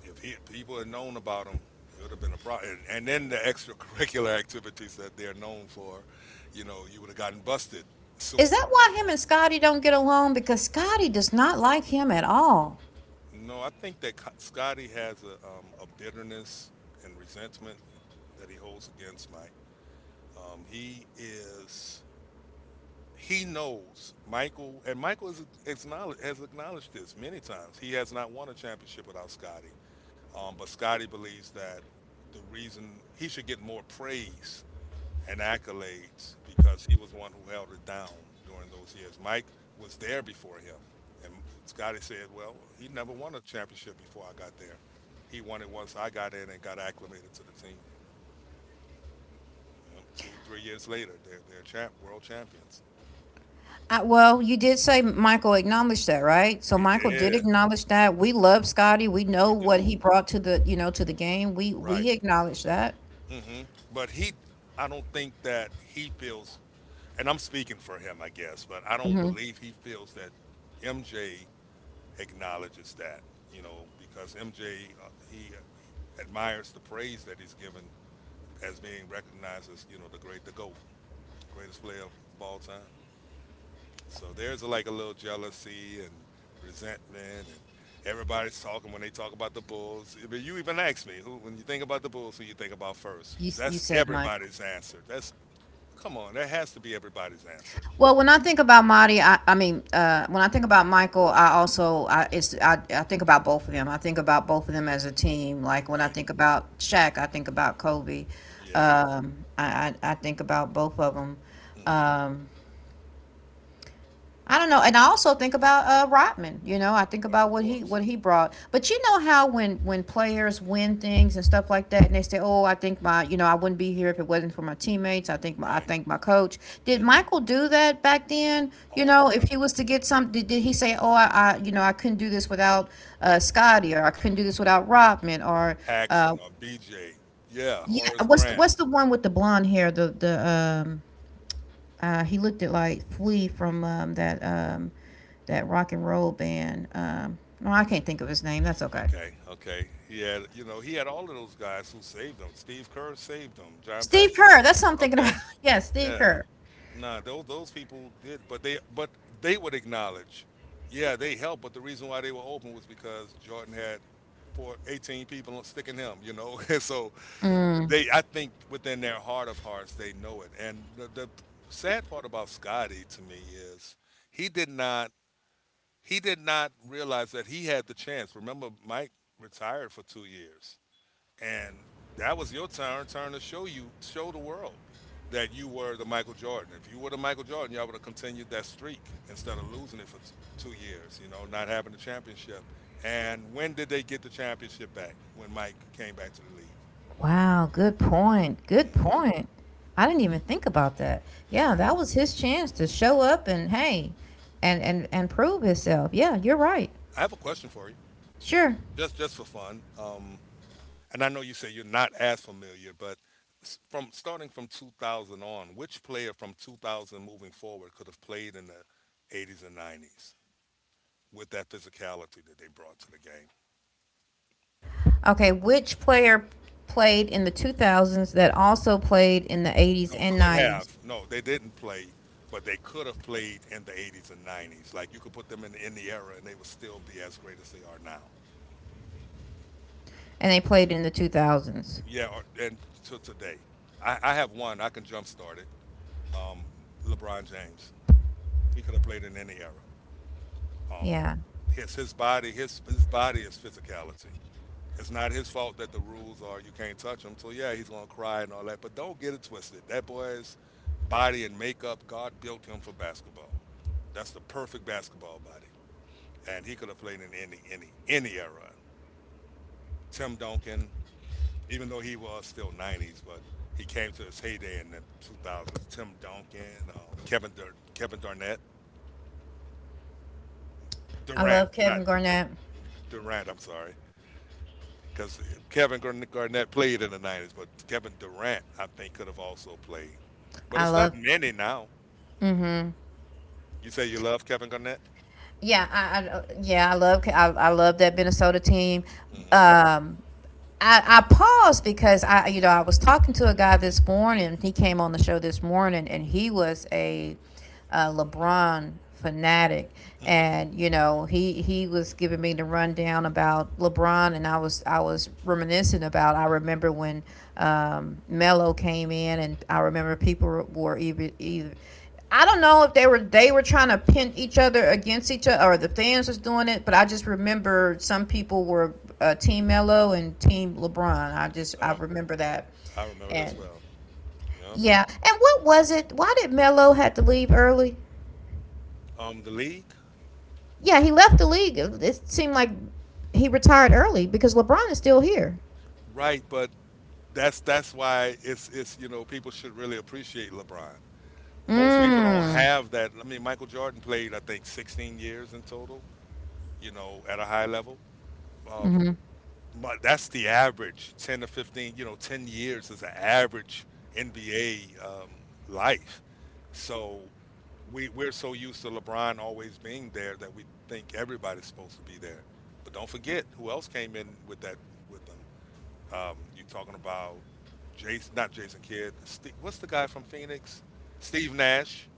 Speaker 2: if he, people had known about him, it would have been a problem. And then the extracurricular activities that they're known for, you know, you would have gotten busted
Speaker 1: is
Speaker 2: sooner.
Speaker 1: that why him and Scotty don't get along? Because Scotty does not like him at all.
Speaker 2: No, I think that Scotty has a bitterness and resentment that he holds against Mike. He is. He knows Michael, and Michael has acknowledged this many times. He has not won a championship without Scotty, but Scotty believes that the reason he should get more praise and accolades because he was the one who held it down during those years. Mike was there before him, and Scotty said, "Well, he never won a championship before I got there. He won it once I got in and got acclimated to the team. You know, two, 3 years later, they're world champions."
Speaker 1: I, well, you did say Michael acknowledged that, right? So
Speaker 2: He
Speaker 1: Michael did
Speaker 2: did.
Speaker 1: acknowledge that. We love Scotty. We
Speaker 2: We
Speaker 1: know what he
Speaker 2: do.
Speaker 1: brought to the, you know, to the game.
Speaker 2: Right.
Speaker 1: We acknowledge that.
Speaker 2: Hmm. But I don't think that he feels, and I'm speaking for him, I guess, but I don't
Speaker 1: Hmm.
Speaker 2: believe he feels that MJ acknowledges that, you know, because MJ he admires the praise that he's given as being recognized as, you know, the great, the GOAT, the greatest player of all time. So there's like a little jealousy and resentment, and everybody's talking when they talk about the Bulls. I mean, you even asked me, who, when you think about the Bulls, who you think about first?
Speaker 1: You you
Speaker 2: That's
Speaker 1: said Michael.
Speaker 2: everybody's answer. That's. Come on, that has to be everybody's answer.
Speaker 1: Well, when I think about Marty, I mean, when I think about Michael, I also I think about both of them. I think about both of them as a team. Like when I
Speaker 2: Right.
Speaker 1: think about Shaq, I think about Kobe.
Speaker 2: Yeah.
Speaker 1: I think about both of
Speaker 2: Hmm.
Speaker 1: them. I don't know, and I also think about Rodman. You know, I think
Speaker 2: Of
Speaker 1: about
Speaker 2: course.
Speaker 1: what he brought. But you know how when players win things and stuff like that, and they say, "Oh, I think my you know I wouldn't be here if it wasn't for my teammates. I think my I
Speaker 2: Right.
Speaker 1: thank my coach." Did
Speaker 2: Hmm.
Speaker 1: Michael do that back then? You
Speaker 2: All the
Speaker 1: know,
Speaker 2: time.
Speaker 1: if he was to get some, did he say, "Oh, I you know I couldn't do this without Scotty," or "I couldn't do this without Rodman," or
Speaker 2: Or
Speaker 1: uh,
Speaker 2: Paxson or BJ. Yeah,
Speaker 1: yeah,
Speaker 2: Horace Grant.
Speaker 1: what's the one with the blonde hair? The he looked at like Flea from that that rock and roll band. No, I can't think of his name. That's okay.
Speaker 2: Okay. Okay. He had, you know, he had all of those guys who saved him. Steve Kerr saved him. John
Speaker 1: Steve
Speaker 2: Paxson.
Speaker 1: Kerr. That's what I'm thinking about.
Speaker 2: Okay.
Speaker 1: Yeah, Steve
Speaker 2: Yeah.
Speaker 1: Kerr.
Speaker 2: Nah, those people did, but they would acknowledge, yeah, they helped. But the reason why they were open was because Jordan had for 18 people sticking him, you know. So they, I think within their heart of hearts, they know it. And the sad part about Scotty to me is he did not he did not realize that he had the chance. Remember, Mike retired for 2 years, and that was your turn to show the world that you were the Michael Jordan. If you were the Michael Jordan, y'all would have continued that streak instead of losing it for 2 years, you know, not having the championship. And when did they get the championship back? When Mike came back to the league.
Speaker 1: Wow, good point. Good
Speaker 2: Mhm.
Speaker 1: point. I didn't even think about that. Yeah,
Speaker 2: Yeah.
Speaker 1: that was his chance to show up and hey, and prove himself. Yeah, you're right.
Speaker 2: I have a question for you,
Speaker 1: Sure.
Speaker 2: just for fun. And I know you say you're not as familiar, but from starting from 2000 on, which player from 2000 moving forward could have played in the 80s and 90s with that physicality that they brought to the game?
Speaker 1: Okay, which player played in the 2000s that also played in the 80s
Speaker 2: No,
Speaker 1: and
Speaker 2: could
Speaker 1: 90s,
Speaker 2: have. No, they didn't play, but they could have played in the 80s and 90s. Like you could put them in the era, and they would still be as great as they are now.
Speaker 1: and they played in the 2000s?
Speaker 2: Yeah, or, and to today, I have one. I can jumpstart it. LeBron James. He could have played in any era.
Speaker 1: Yeah,
Speaker 2: It's his body. His body is physicality. It's not his fault that the rules are you can't touch him. So yeah, he's gonna cry and all that. But don't get it twisted. That boy's body and makeup, God built him for basketball. That's the perfect basketball body, and he could have played in any era. Tim Duncan, even though he was still 90s, but he came to his heyday in the 2000s. Tim Duncan, Kevin Durant,
Speaker 1: I love
Speaker 2: Not
Speaker 1: Kevin Garnett.
Speaker 2: Durant. I'm sorry. Because Kevin Garnett played in the 90s, but Kevin Durant, I think, could have also played. But
Speaker 1: I
Speaker 2: it's not
Speaker 1: love.
Speaker 2: many now.
Speaker 1: hmm
Speaker 2: You say you love Kevin Garnett?
Speaker 1: Yeah, I love that Minnesota team.
Speaker 2: Mm-hmm.
Speaker 1: Um, I paused because I you know I was talking to a guy this morning. He came on the show this morning, and he was a LeBron fanatic,
Speaker 2: Mm-hmm.
Speaker 1: and he was giving me the rundown about LeBron, and I was reminiscing. About I remember when Melo came in, and I remember people were even either. I don't know if they were trying to pin each other against each other or the fans was doing it, but I just remember some people were Team Melo and Team LeBron. I
Speaker 2: Yep,
Speaker 1: remember that,
Speaker 2: I remember that
Speaker 1: and
Speaker 2: as well. Yep.
Speaker 1: yeah, and what was it? Why did Melo had to leave early?
Speaker 2: The league?
Speaker 1: Yeah, he left the league. It seemed like he retired early because LeBron is still here.
Speaker 2: Right, but that's why it's you know people should really appreciate LeBron. Most people don't
Speaker 1: Mm.
Speaker 2: have that. I mean, Michael Jordan played I think 16 years in total, you know, at a high level. Um,
Speaker 1: Mm-hmm.
Speaker 2: my, that's the average 10 to 15, you know, 10 years is an average NBA life, so we, we're so used to LeBron always being there that we think everybody's supposed to be there, but don't forget who else came in with that with them, you talking about jason not jason kidd Ste what's the guy from phoenix, steve nash.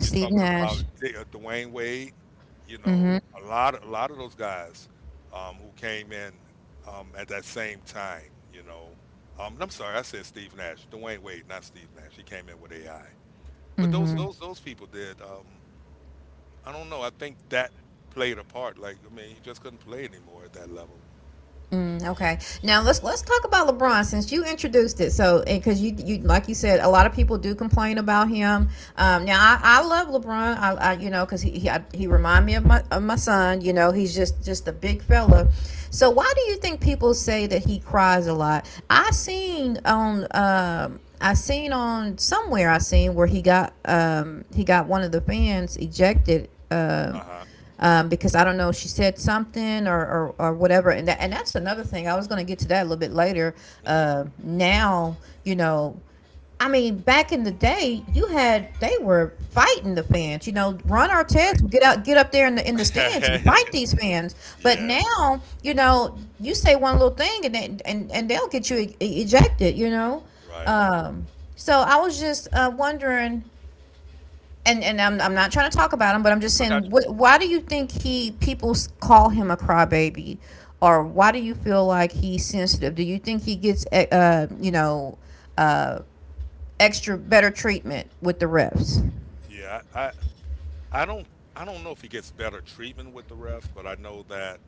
Speaker 2: You're talking about
Speaker 1: Nash.
Speaker 2: Dwayne Wade, you know,
Speaker 1: Mm-hmm.
Speaker 2: a lot of those guys, who came in, at that same time, you know. I'm sorry, I said Steve Nash, Dwayne Wade, not Steve Nash. He came in with AI, but those
Speaker 1: Mm-hmm.
Speaker 2: those those people did. I don't know. I think that played a part. Like I mean, you just couldn't play anymore at that level.
Speaker 1: Mm, okay. Now let's talk about LeBron since you introduced it. So because you like you said, a lot of people do complain about him. Now I love LeBron. I you know because he, I, he remind me of my son. You know he's just a big fella. So why do you think people say that he cries a lot? I seen on somewhere I seen where he got one of the fans ejected um
Speaker 2: Uh
Speaker 1: um, because I don't know, she said something or whatever. And that's another thing. I was going to get to that a little bit later.
Speaker 2: huh.
Speaker 1: Now, you know, I mean, back in the day, you had they were fighting the fans. You know, Ron
Speaker 2: Hmm.
Speaker 1: Artest would get out, get up there in the stands and
Speaker 2: Right.
Speaker 1: fight these fans. But
Speaker 2: Yeah.
Speaker 1: now, you know, you say one little thing and they'll get you ejected. You know,
Speaker 2: Right.
Speaker 1: um, so I was just wondering. I'm not trying to talk about him, but I'm just
Speaker 2: I
Speaker 1: saying,
Speaker 2: got
Speaker 1: why do you think he people call him a crybaby, or why do you feel like he's sensitive? Do you think he gets uh extra better treatment with the refs?
Speaker 2: you. Yeah. I don't know if he gets better treatment with the ref, but I know that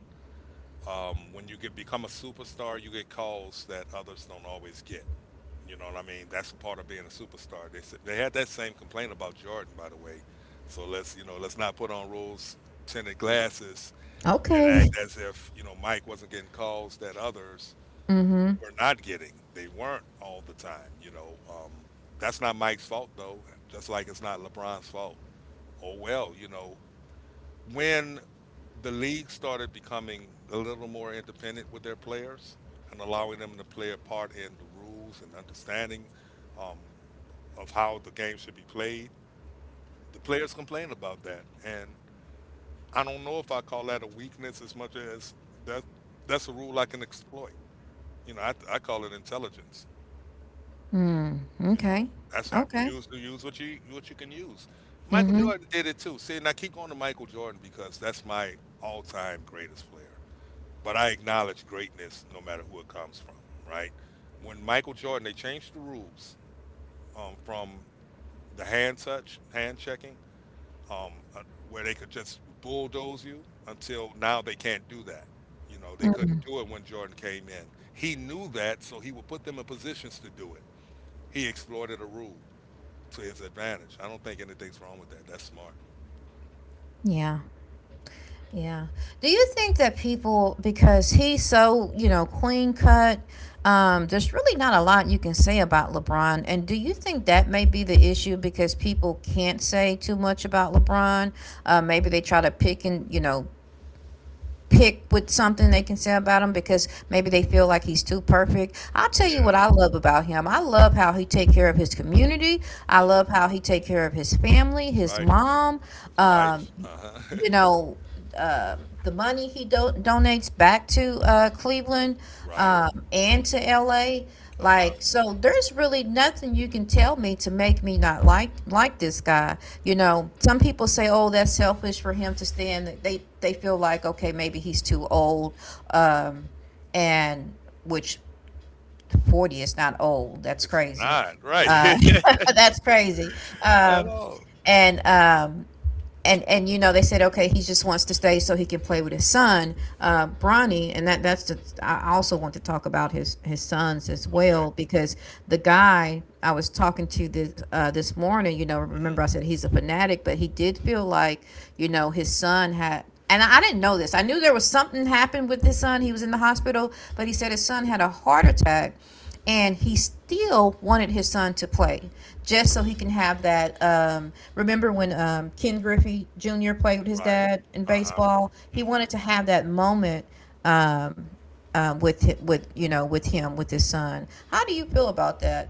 Speaker 2: when you get become a superstar, you get calls that others don't always get. You know what I mean? That's a part of being a superstar. They had that same complaint about Jordan, by the way. So let's, you know, let's not put on rules tinted glasses and
Speaker 1: Okay.
Speaker 2: act as if, you know, Mike wasn't getting calls that others
Speaker 1: Mm-hmm.
Speaker 2: were not getting. They weren't all the time. You know, that's not Mike's fault though. Just like it's not LeBron's fault. Oh well, you know, when the league started becoming a little more independent with their players and allowing them to play a part in the rules and understanding, um, of how the game should be played. The players complain about that, and I don't know if I call that a weakness as much as that. That's a rule I can exploit. You know, I call it intelligence.
Speaker 1: Mm,
Speaker 2: You
Speaker 1: okay.
Speaker 2: know, that's not
Speaker 1: Okay.
Speaker 2: use what you can use. Michael
Speaker 1: Mm-hmm.
Speaker 2: Jordan did it too. See, and I keep going to Michael Jordan because that's my all-time greatest player. But I acknowledge greatness no matter who it comes from, right? When Michael Jordan, they changed the rules, from the hand checking, um, uh, where they could just bulldoze you, until now they can't do that. You know, they couldn't
Speaker 1: Mm.
Speaker 2: do it when Jordan came in. He knew that, so he would put them in positions to do it. He exploited a rule to his advantage. I don't think anything's wrong with that. That's smart.
Speaker 1: Yeah. Yeah. Do you think that people, because he's so, you know, clean cut, there's really not a lot you can say about LeBron. And do you think that may be the issue because people can't say too much about LeBron? Maybe they try to pick and, you know, pick with something they can say about him because maybe they feel like he's too perfect. I'll tell you what
Speaker 2: Yeah.
Speaker 1: I love about him. I love how he take care of his community. I
Speaker 2: Hmm.
Speaker 1: love how he take care of his family, his
Speaker 2: Right.
Speaker 1: mom.
Speaker 2: His
Speaker 1: Um,
Speaker 2: wife. Uh huh.
Speaker 1: you know, uh, the money he donates back to Cleveland
Speaker 2: Right.
Speaker 1: and to LA.
Speaker 2: Uh huh.
Speaker 1: Like, so there's really nothing you can tell me to make me not like this guy. You
Speaker 2: Right.
Speaker 1: know, some people say, "Oh, that's selfish for him to stand." They feel like, okay, maybe he's too old, um, and which 40 is not old. That's
Speaker 2: It's
Speaker 1: crazy.
Speaker 2: not, right,
Speaker 1: that's crazy.
Speaker 2: at
Speaker 1: Um,
Speaker 2: all.
Speaker 1: and um, and you know they said okay he just wants to stay so he can play with his son Bronny. And that that's the I also want to talk about his sons as
Speaker 2: Okay.
Speaker 1: well because the guy I was talking to this this morning, you know, remember
Speaker 2: Mhm,
Speaker 1: I said he's a fanatic, but he did feel like, you know, his son had. And I didn't know this. I knew there was something happened with his son. He was in the hospital, but he said
Speaker 2: mhm.
Speaker 1: his son had a heart attack, and he still wanted his son to play just so he can have that. Remember when Ken Griffey Jr. played with his
Speaker 2: Right.
Speaker 1: dad in
Speaker 2: Uh-huh,
Speaker 1: baseball? He
Speaker 2: mhm.
Speaker 1: wanted to have that moment, um, with you know with him with his son. How do you feel about that?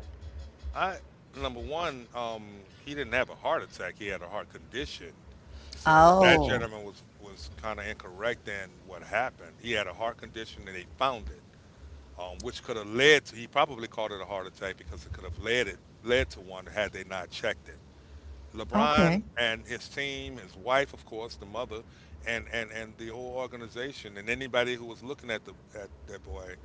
Speaker 2: I, number 1, he didn't have a heart attack, he had a heart condition. So that
Speaker 1: Oh,
Speaker 2: gentleman was kinda incorrect in what happened. He had a heart condition and they found it, which could have led to he probably called it a heart attack because it could have led to one had they not checked it.
Speaker 1: okay.
Speaker 2: LeBron and his team, his wife, of course, the mother, and and the whole organization, and anybody who was looking at the at that boy,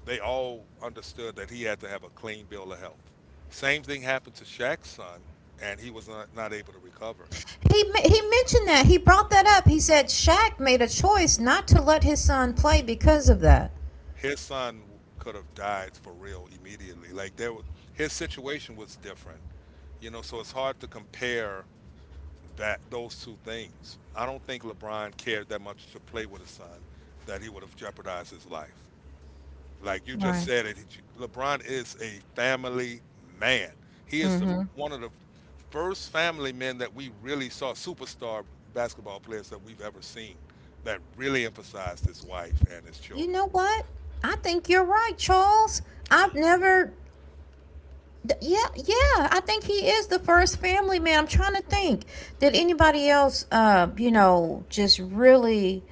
Speaker 2: they all understood that he had to have a clean bill of health. Same thing happened to Shaq's son, and he was not able to recover.
Speaker 1: He mentioned that. He brought that up. He said Shaq made a choice not to let his son play because of that.
Speaker 2: His son could have died for real immediately. Like his situation was different, you know. So it's hard to compare that those two things. I don't think LeBron cared that much to play with his son that he would have jeopardized his life. Like you just
Speaker 1: Right.
Speaker 2: said, it. LeBron is a family man. He is the
Speaker 1: Mm-hmm.
Speaker 2: one of the first family men that we really saw superstar basketball players that we've ever seen that really emphasized his wife and his
Speaker 1: You
Speaker 2: children.
Speaker 1: know what? I think you're right, Charles. I've
Speaker 2: Hmm.
Speaker 1: never. Yeah, yeah. I think he is the first family man. I'm trying to think. Did anybody else, you know, just really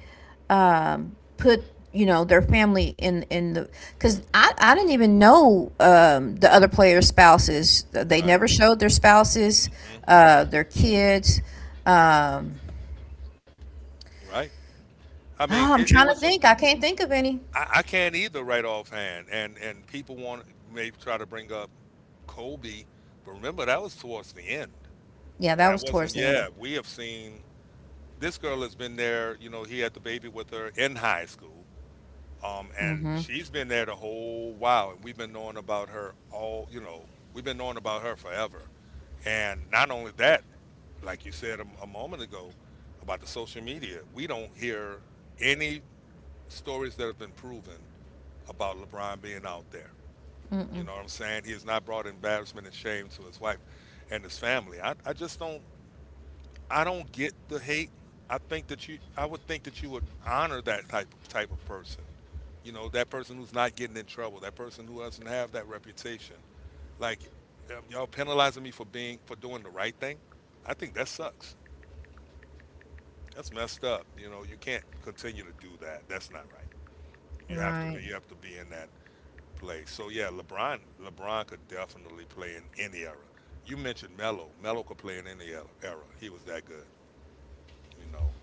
Speaker 1: put, you know, their family in the? Because I didn't even know the other players' spouses. They
Speaker 2: Right.
Speaker 1: never showed their spouses,
Speaker 2: Hmm.
Speaker 1: their kids. Um,
Speaker 2: Right. I mean,
Speaker 1: oh, I'm
Speaker 2: it
Speaker 1: trying to
Speaker 2: was a.
Speaker 1: think. I can't think of any.
Speaker 2: I can't either right offhand, and people want may try to bring up Kobe, but remember that was towards the end.
Speaker 1: Yeah, that
Speaker 2: That
Speaker 1: was towards
Speaker 2: wasn't.
Speaker 1: the end.
Speaker 2: Yeah, we have seen this girl has been there. You know, he had the baby with her in high school, and
Speaker 1: Mm-hmm.
Speaker 2: she's been there the whole while, and we've been knowing about her all. You know, we've been knowing about her forever. And not only that, like you said a moment ago about the social media, we don't hear any stories that have been proven about LeBron being out there. You
Speaker 1: Mm-mm.
Speaker 2: know what I'm saying? He has not brought embarrassment and shame to his wife and his family. I just don't I don't get the hate. I would think that you would honor that type of person. You know, that person who's not getting in trouble, that person who doesn't have that reputation. Like, y'all penalizing me for doing the right thing? I think that sucks. That's messed up. You know, you can't continue to do that. That's not right. You have to
Speaker 1: Right.
Speaker 2: be you have to be in that play. So yeah, LeBron could definitely play in any era. You mentioned Melo. Melo could play in any era. He was that good, you know.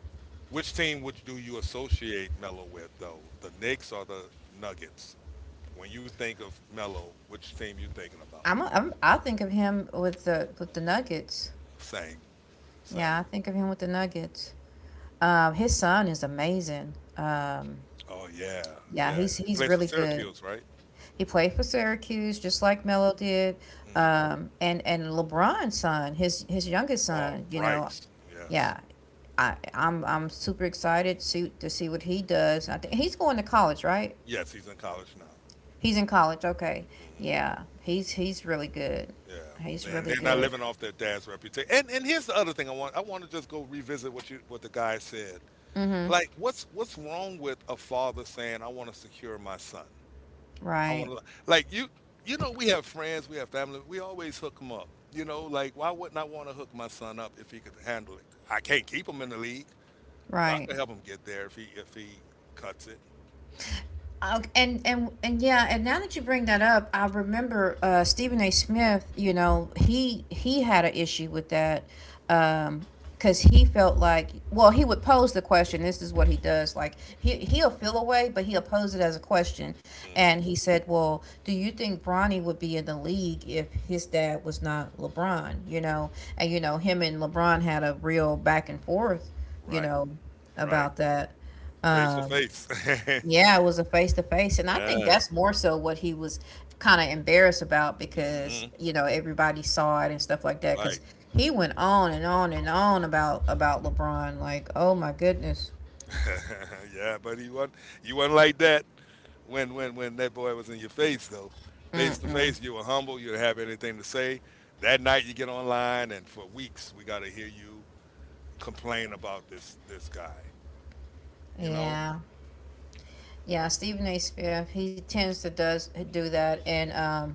Speaker 2: Which team would do you associate Melo with though? The Knicks or the Nuggets? When you think of Melo, which team you thinking about?
Speaker 1: I'm I think of him with the Nuggets.
Speaker 2: Same,
Speaker 1: Yeah, I
Speaker 2: same.
Speaker 1: think of him with the Nuggets. His son is amazing.
Speaker 2: Oh yeah,
Speaker 1: Yeah,
Speaker 2: yeah.
Speaker 1: he's
Speaker 2: He
Speaker 1: he's
Speaker 2: plays for
Speaker 1: really good.
Speaker 2: Syracuse, right?
Speaker 1: He played for Syracuse just like Melo did.
Speaker 2: Hmm.
Speaker 1: And LeBron's son, his youngest
Speaker 2: Oh,
Speaker 1: son, you know,
Speaker 2: Bryce. Yes,
Speaker 1: yeah. I'm super excited to see what he does. I think he's going to college, right?
Speaker 2: yes. He's in college now.
Speaker 1: He's in college. Okay,
Speaker 2: Mm-hmm.
Speaker 1: yeah, he's really good. He's
Speaker 2: Yeah, and
Speaker 1: really
Speaker 2: they're not
Speaker 1: good.
Speaker 2: living off their dad's reputation. And here's the other thing I want to just go revisit what the guy said.
Speaker 1: Mm-hmm.
Speaker 2: Like, what's wrong with a father saying, "I want to secure my son. I
Speaker 1: Right,
Speaker 2: want to like you know we have friends, we have family, we always hook them up. You know, like why wouldn't I want to hook my son up if he could handle it? I can't keep him in the league, but I
Speaker 1: right.
Speaker 2: can help him get there if he cuts it.
Speaker 1: And yeah, and now that you bring that up, I remember Stephen A. Smith. You know, he had an issue with that because he felt like, well, he would pose the question. This is what he does. Like he'll feel a way, but he'll pose it as a question.
Speaker 2: Hmm.
Speaker 1: And he said, well, do you think Bronny would be in the league if his dad was not LeBron? You know, and you know him and LeBron had a real back and forth. You
Speaker 2: Right,
Speaker 1: know
Speaker 2: right.
Speaker 1: about that.
Speaker 2: Face to
Speaker 1: Um,
Speaker 2: face.
Speaker 1: Yeah, it was a face to face. And I think
Speaker 2: Yeah.
Speaker 1: that's more so what he was kind of embarrassed about
Speaker 2: Hmm.
Speaker 1: because, you know, everybody saw it and stuff like that.
Speaker 2: Right.
Speaker 1: Because he went on and on and on about LeBron. Like, oh my goodness.
Speaker 2: Yeah, but you weren't like that when that boy was in your face though. Face to
Speaker 1: Mm-mm.
Speaker 2: face, you were humble. You didn't have anything to say. That night, you get online, and for weeks, we got to hear you complain about this guy. You know,
Speaker 1: Yeah. Yeah, Stephen A. Smith, he tends to does do that. And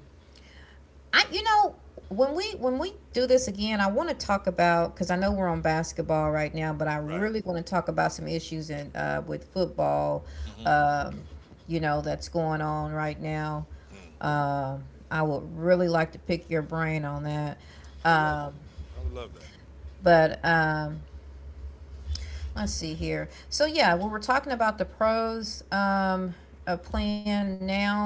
Speaker 1: I, you know, when we do this again, I want to talk about because I know we're on basketball right now, but I
Speaker 2: right?
Speaker 1: really want to talk about some issues in with football,
Speaker 2: Hmm.
Speaker 1: um, you know, that's going on right now.
Speaker 2: Mm.
Speaker 1: Um, I would really like to pick your brain on that,
Speaker 2: I would love that.
Speaker 1: um,
Speaker 2: I would love
Speaker 1: but let's see here. So yeah, we were talking about the pros of playing now.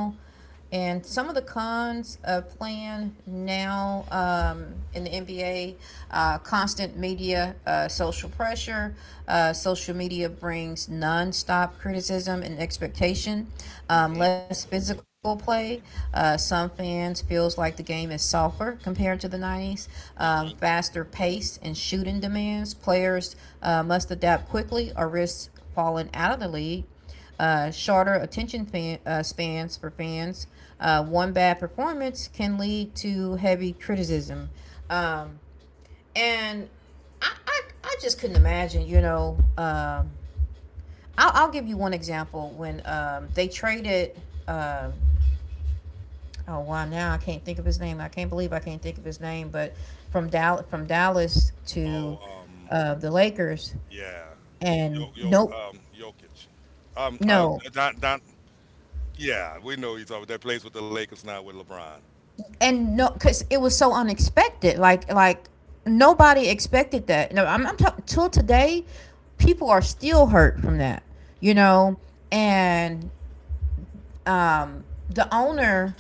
Speaker 1: And some of the cons of playing now in the NBA. Constant media, social pressure. Social media brings nonstop criticism and expectation,
Speaker 2: that.
Speaker 1: less physical play. Some fans feels like the game is softer compared to the 90s,
Speaker 2: Hmm. Hmm.
Speaker 1: faster pace and shooting demands. Players must adapt quickly or risk falling out of the league. Shorter attention spans for fans. One bad performance can lead to heavy criticism, um, and I just couldn't imagine. You know, I'll give you one example when they traded. Oh wow! Now I can't think of his name. I can't believe I can't think of his name. But from Dallas to
Speaker 2: Oh,
Speaker 1: the Lakers,
Speaker 2: yeah.
Speaker 1: and
Speaker 2: Yo, Yo,
Speaker 1: nope,
Speaker 2: Jokic. Um, uh,
Speaker 1: no,
Speaker 2: Don, Don, yeah, we know he's over that plays with the Lakers now with LeBron.
Speaker 1: and no because it was so unexpected like nobody expected that. No I'm, I'm talking till today, people are still hurt from that, you know. And um the owner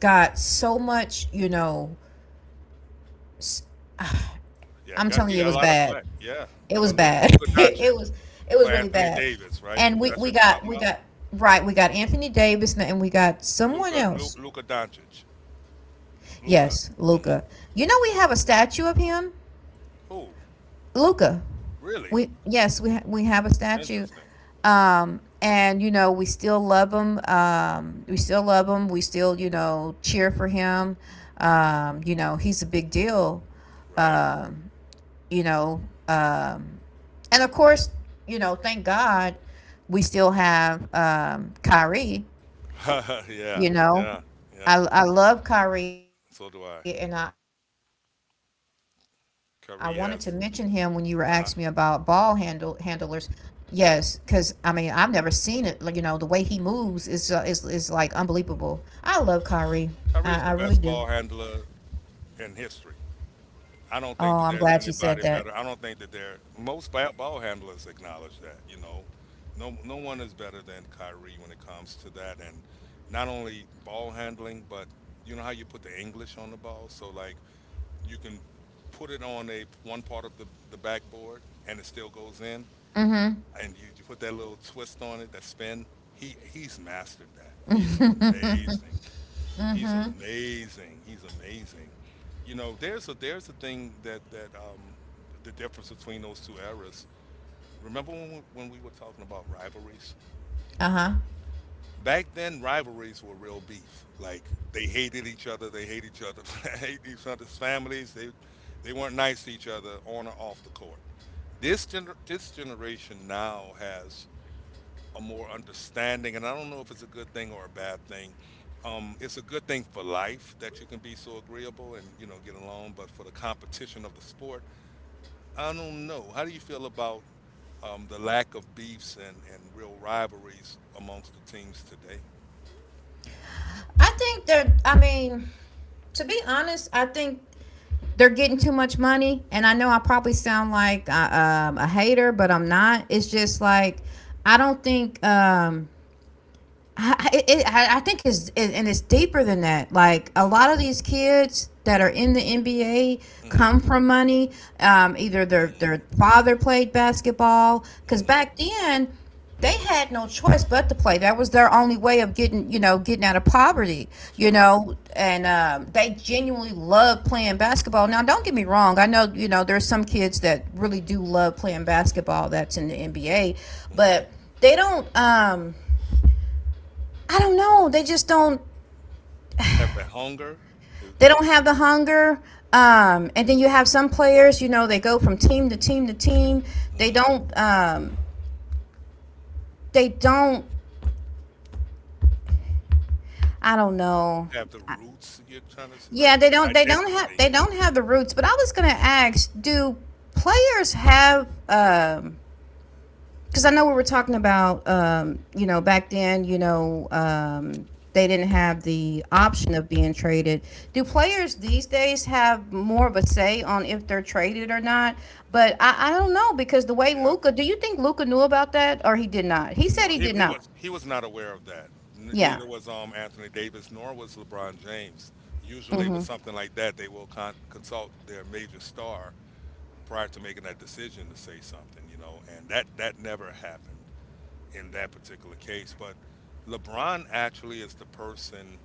Speaker 1: got so much, you know. s-
Speaker 2: Yeah,
Speaker 1: I'm
Speaker 2: got
Speaker 1: telling
Speaker 2: he
Speaker 1: you it
Speaker 2: got a
Speaker 1: was
Speaker 2: lot of
Speaker 1: bad.
Speaker 2: flack. Yeah,
Speaker 1: It
Speaker 2: the
Speaker 1: was
Speaker 2: Luka,
Speaker 1: bad.
Speaker 2: Luka
Speaker 1: it
Speaker 2: Doncic
Speaker 1: was, it
Speaker 2: for
Speaker 1: was really
Speaker 2: Anthony
Speaker 1: bad.
Speaker 2: Davis, right?
Speaker 1: And
Speaker 2: That's
Speaker 1: we
Speaker 2: what you're
Speaker 1: got
Speaker 2: talking
Speaker 1: we
Speaker 2: about.
Speaker 1: got, right, we got Anthony Davis, and we got someone
Speaker 2: Luka Lu,
Speaker 1: else.
Speaker 2: Luka Doncic, Luka.
Speaker 1: Yes,
Speaker 2: Hmm.
Speaker 1: Luca. You know, we have a statue of him.
Speaker 2: Who?
Speaker 1: Luca.
Speaker 2: Really?
Speaker 1: We, yes, we we have a statue.
Speaker 2: Interesting.
Speaker 1: And you know we still love him. We still love him. We still, you know, cheer for him. You know, he's a big deal.
Speaker 2: Right.
Speaker 1: um you know um and of course, you know, thank God we still have Kyrie.
Speaker 2: Yeah,
Speaker 1: You know,
Speaker 2: yeah, yeah.
Speaker 1: I love Kyrie, and I
Speaker 2: So do
Speaker 1: wanted to
Speaker 2: I.
Speaker 1: mention him when you were asking me about ball
Speaker 2: Curry
Speaker 1: handlers.
Speaker 2: has.
Speaker 1: Yes,
Speaker 2: Uh-huh.
Speaker 1: because I mean I've never seen it. Like, you know, the way he moves is is like unbelievable. I love Kyrie. I really do.
Speaker 2: Curry is the best ball handler in history.
Speaker 1: Oh,
Speaker 2: I don't
Speaker 1: I'm
Speaker 2: think that
Speaker 1: glad you
Speaker 2: there's
Speaker 1: said that.
Speaker 2: anybody better. I don't think that there most ball handlers acknowledge that. You know, no one is better than Kyrie when it comes to that, and not only ball handling, but you know how you put the English on the ball, so like you can put it on a one part of the backboard and it still goes in,
Speaker 1: Mm-hmm.
Speaker 2: and you put that little twist on it, that spin. He's mastered that. He's amazing. He's amazing. He's amazing. You know, there's a thing that the difference between those two eras. Remember when we were talking about rivalries?
Speaker 1: Uh-huh.
Speaker 2: Back then, rivalries were real beef. Like they hated each other. They hate each other. They hate each other's families. They weren't nice to each other on or off the court. This generation now has a more understanding, and I don't know if it's a good thing or a bad thing. It's a good thing for life that you can be so agreeable and you know get along, but for the competition of the sport, I don't know. How do you feel about the lack of beefs and real rivalries amongst the teams today?
Speaker 1: I think they're. I mean, to be honest, I think they're getting too much money. And I know I probably sound like a hater, but I'm not. It's just like I don't think. I- it, I think it's it, and it's deeper than that. Like a
Speaker 2: Hmm.
Speaker 1: lot of these kids that are in the NBA
Speaker 2: Hmm.
Speaker 1: come from money. Either their
Speaker 2: Hmm.
Speaker 1: their father played basketball because
Speaker 2: Hmm.
Speaker 1: back then they had no choice but to play. That was their only way of getting getting out of poverty.
Speaker 2: That's
Speaker 1: You
Speaker 2: true.
Speaker 1: know, and They genuinely love playing basketball. Now, don't get me wrong. I know there's some kids that really do love playing basketball. That's in the NBA,
Speaker 2: Hmm.
Speaker 1: but they don't. I don't know. They just don't.
Speaker 2: Have that hunger. Is,
Speaker 1: They don't have the hunger. And then you have some players. They go from team to team to team. They
Speaker 2: mhm.
Speaker 1: don't. Um, they don't. I don't know.
Speaker 2: Have the
Speaker 1: I-
Speaker 2: roots you're trying to s
Speaker 1: Yeah,
Speaker 2: like
Speaker 1: they don't. They don't have.
Speaker 2: identity.
Speaker 1: They don't have the roots. But I was gonna ask, do players have because I know we were talking about, back then, they didn't have the option of being traded. Do players these days have more of a say on if they're traded or not? But I don't know because the way
Speaker 2: Yeah.
Speaker 1: Luca, do you think Luca knew about that or he did not? He said
Speaker 2: No,
Speaker 1: he
Speaker 2: he,
Speaker 1: did
Speaker 2: he
Speaker 1: not.
Speaker 2: was he was not aware of that.
Speaker 1: Yeah.
Speaker 2: Neither was Anthony Davis, nor was LeBron James. Usually, with
Speaker 1: Hmm.
Speaker 2: something like that, they will consult their major star prior to making that decision to say something. And that never happened in that particular case. But LeBron actually is the person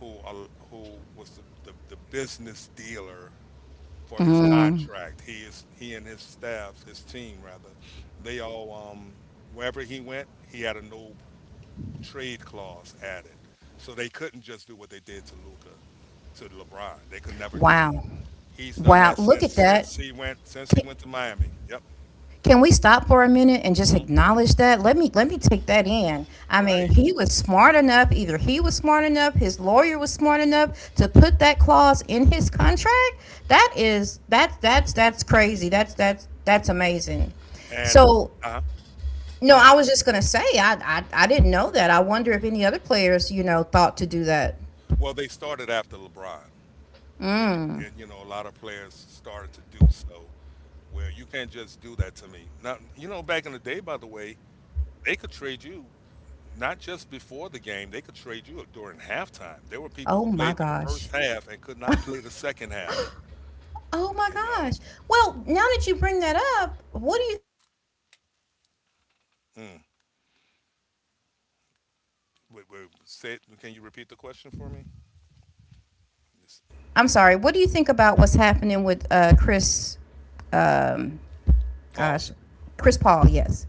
Speaker 2: who was the business dealer for his contract. He and his staff, his team rather, they all wherever he went, he had a no trade clause added. So they couldn't just do what they did to Luca, to LeBron.
Speaker 1: Wow.
Speaker 2: They could never do that. He's
Speaker 1: Wow.
Speaker 2: done
Speaker 1: Look
Speaker 2: that
Speaker 1: at
Speaker 2: since
Speaker 1: that.
Speaker 2: since
Speaker 1: K-
Speaker 2: he went to Miami. Yep.
Speaker 1: Can we stop for a minute and just
Speaker 2: Hmm.
Speaker 1: acknowledge that? Let me take that in. I mean,
Speaker 2: Right.
Speaker 1: he was smart enough, either he was smart enough, his lawyer was smart enough to put that clause in his contract. That is that's crazy. That's amazing.
Speaker 2: And
Speaker 1: So
Speaker 2: uh-huh,
Speaker 1: no,
Speaker 2: uh-huh.
Speaker 1: I was just gonna say I didn't know that. I wonder if any other players, you know, thought to do that.
Speaker 2: Well, they started after LeBron.
Speaker 1: Mm.
Speaker 2: And you know, a lot of players started to do so where you can't just do that to me. Now, you know, back in the day, by the way, they could trade you not just before the game, they could trade you during halftime. There were people
Speaker 1: Oh
Speaker 2: who
Speaker 1: my
Speaker 2: played the
Speaker 1: gosh.
Speaker 2: first half and could not play the second half.
Speaker 1: Oh my
Speaker 2: You
Speaker 1: gosh.
Speaker 2: know.
Speaker 1: Well, now that you bring that up, what do you
Speaker 2: Mm. Wait, wait, can you repeat the question for me? This-
Speaker 1: I'm sorry. What do you think about what's happening with Chris? Um,
Speaker 2: Paul,
Speaker 1: gosh, Chris Paul. Yes,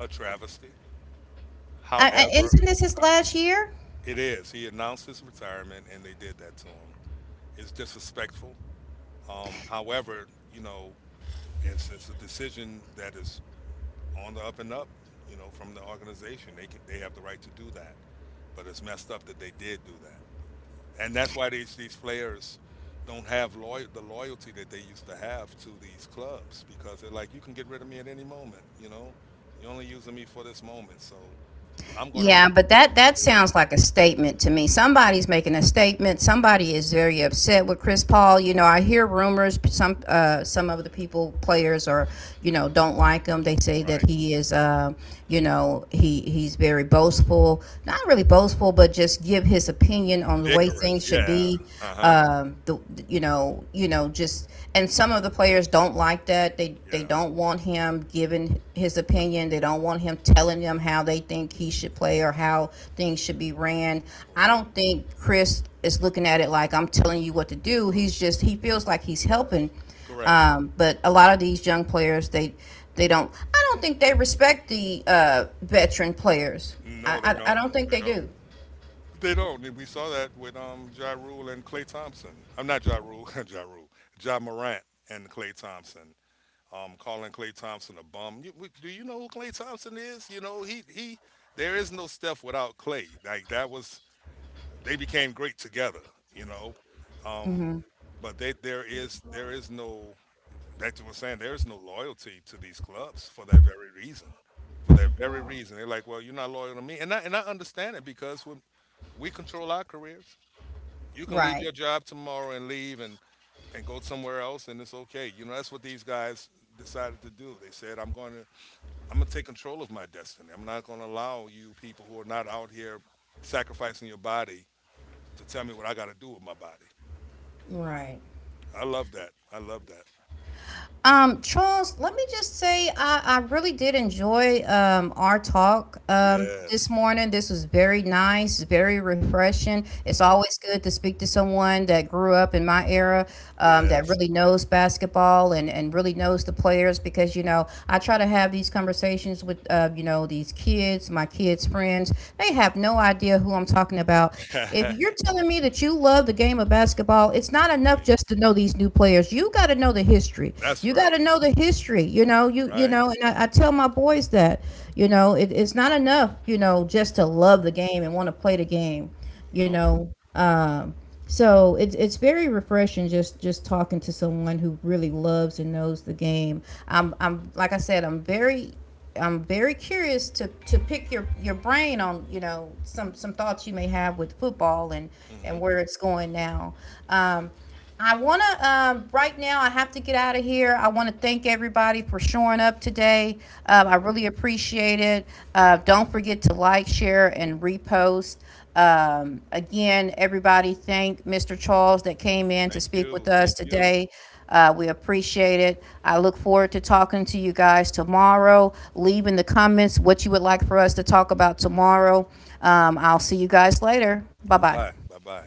Speaker 2: a travesty. However,
Speaker 1: isn't this his
Speaker 2: uh,
Speaker 1: last year?
Speaker 2: it is. He announced his retirement and they did that to him. It's disrespectful. However, you know, it's a decision that is on the up and up, you know, from the organization. They have the right to do that. But it's messed up that they did do that. And that's why these players don't have the loyalty that they used to have to these clubs because they're like, you can get rid of me at any moment. You know, you're only using me for this moment, so I'm going to be in
Speaker 1: Yeah, but
Speaker 2: control of
Speaker 1: that
Speaker 2: my
Speaker 1: that
Speaker 2: career.
Speaker 1: sounds like a statement to me. Somebody's making a statement. Somebody is very upset with Chris Paul. You know, I hear rumors. Some of the people players are, you know, don't like him. They say that
Speaker 2: Right,
Speaker 1: he is, you know, he's very boastful. Not really boastful, but just give his opinion on the way
Speaker 2: Dickerous.
Speaker 1: things should
Speaker 2: Yeah.
Speaker 1: be.
Speaker 2: Uh huh.
Speaker 1: The you know just and some of the players don't like that. They
Speaker 2: Yeah.
Speaker 1: don't want him giving his opinion. They don't want him telling them how they think he should play or how things should be ran. I
Speaker 2: Right.
Speaker 1: don't think Chris is looking at it like I'm telling you what to do. He's just he feels like he's helping.
Speaker 2: Correct.
Speaker 1: But a lot of these young players, they don't. I don't think they respect the veteran players.
Speaker 2: No, they
Speaker 1: I
Speaker 2: don't.
Speaker 1: don't think
Speaker 2: They
Speaker 1: they
Speaker 2: don't.
Speaker 1: do.
Speaker 2: They don't. And we saw that with Ja Rule and Clay Thompson. I'm not Ja Rule, Ja Rule. Ja Morant and Clay Thompson. Calling Klay Thompson a bum. Do you know who Klay Thompson is? You know he. There is no Steph without Klay. Like that was they became great together. You know, um, there is no back to what I'm saying. There is no loyalty to these clubs for that very reason. For that very reason, they're like, well, you're not loyal to me, and I understand it because when we control our careers, you can leave
Speaker 1: Right.
Speaker 2: your job tomorrow and leave and go somewhere else, and it's okay. You know, that's what these guys decided to do. They said, I'm going to I'm gonna take control of my destiny. I'm not gonna allow you people who are not out here sacrificing your body to tell me what I gotta do with my body.
Speaker 1: Right.
Speaker 2: I love that. I love that.
Speaker 1: Charles, let me just say I really did enjoy our talk this
Speaker 2: Yes.
Speaker 1: morning. This was very nice, very refreshing. It's
Speaker 2: Hmm.
Speaker 1: always good to speak to someone that grew up in my era that
Speaker 2: Yes.
Speaker 1: really knows basketball and really knows the players because, you know, I try to have these conversations with, you know, these kids, my kids' friends. They have no idea who I'm talking about. If
Speaker 2: Right.
Speaker 1: you're telling me that you love the game of basketball, it's not enough just to know these new players. You got to know the history.
Speaker 2: That's
Speaker 1: You got
Speaker 2: right.
Speaker 1: to know the history.
Speaker 2: That's right.
Speaker 1: And I tell my boys that you know it's not enough. You know, just to love the game and want to play the game. You
Speaker 2: No.
Speaker 1: know, um, so it's very refreshing just talking to someone who really loves and knows the game. I'm like I said, I'm very curious to pick your brain on some thoughts you may have with football
Speaker 2: Hmm.
Speaker 1: and where it's going now. Um, I want to right now. I have to get out of here. I want to thank everybody for showing up today.
Speaker 2: Hmm.
Speaker 1: I really appreciate it. Don't forget to like, share, and repost. Again, everybody, thank Mr. Charles that came in to
Speaker 2: Thank
Speaker 1: speak with
Speaker 2: you.
Speaker 1: us
Speaker 2: Thank you.
Speaker 1: today. We appreciate it. I look forward to talking to you guys tomorrow. Leave in the comments what you would like for us to talk about tomorrow. I'll see you guys later. Bye
Speaker 2: Bye bye.
Speaker 1: bye.
Speaker 2: Bye bye.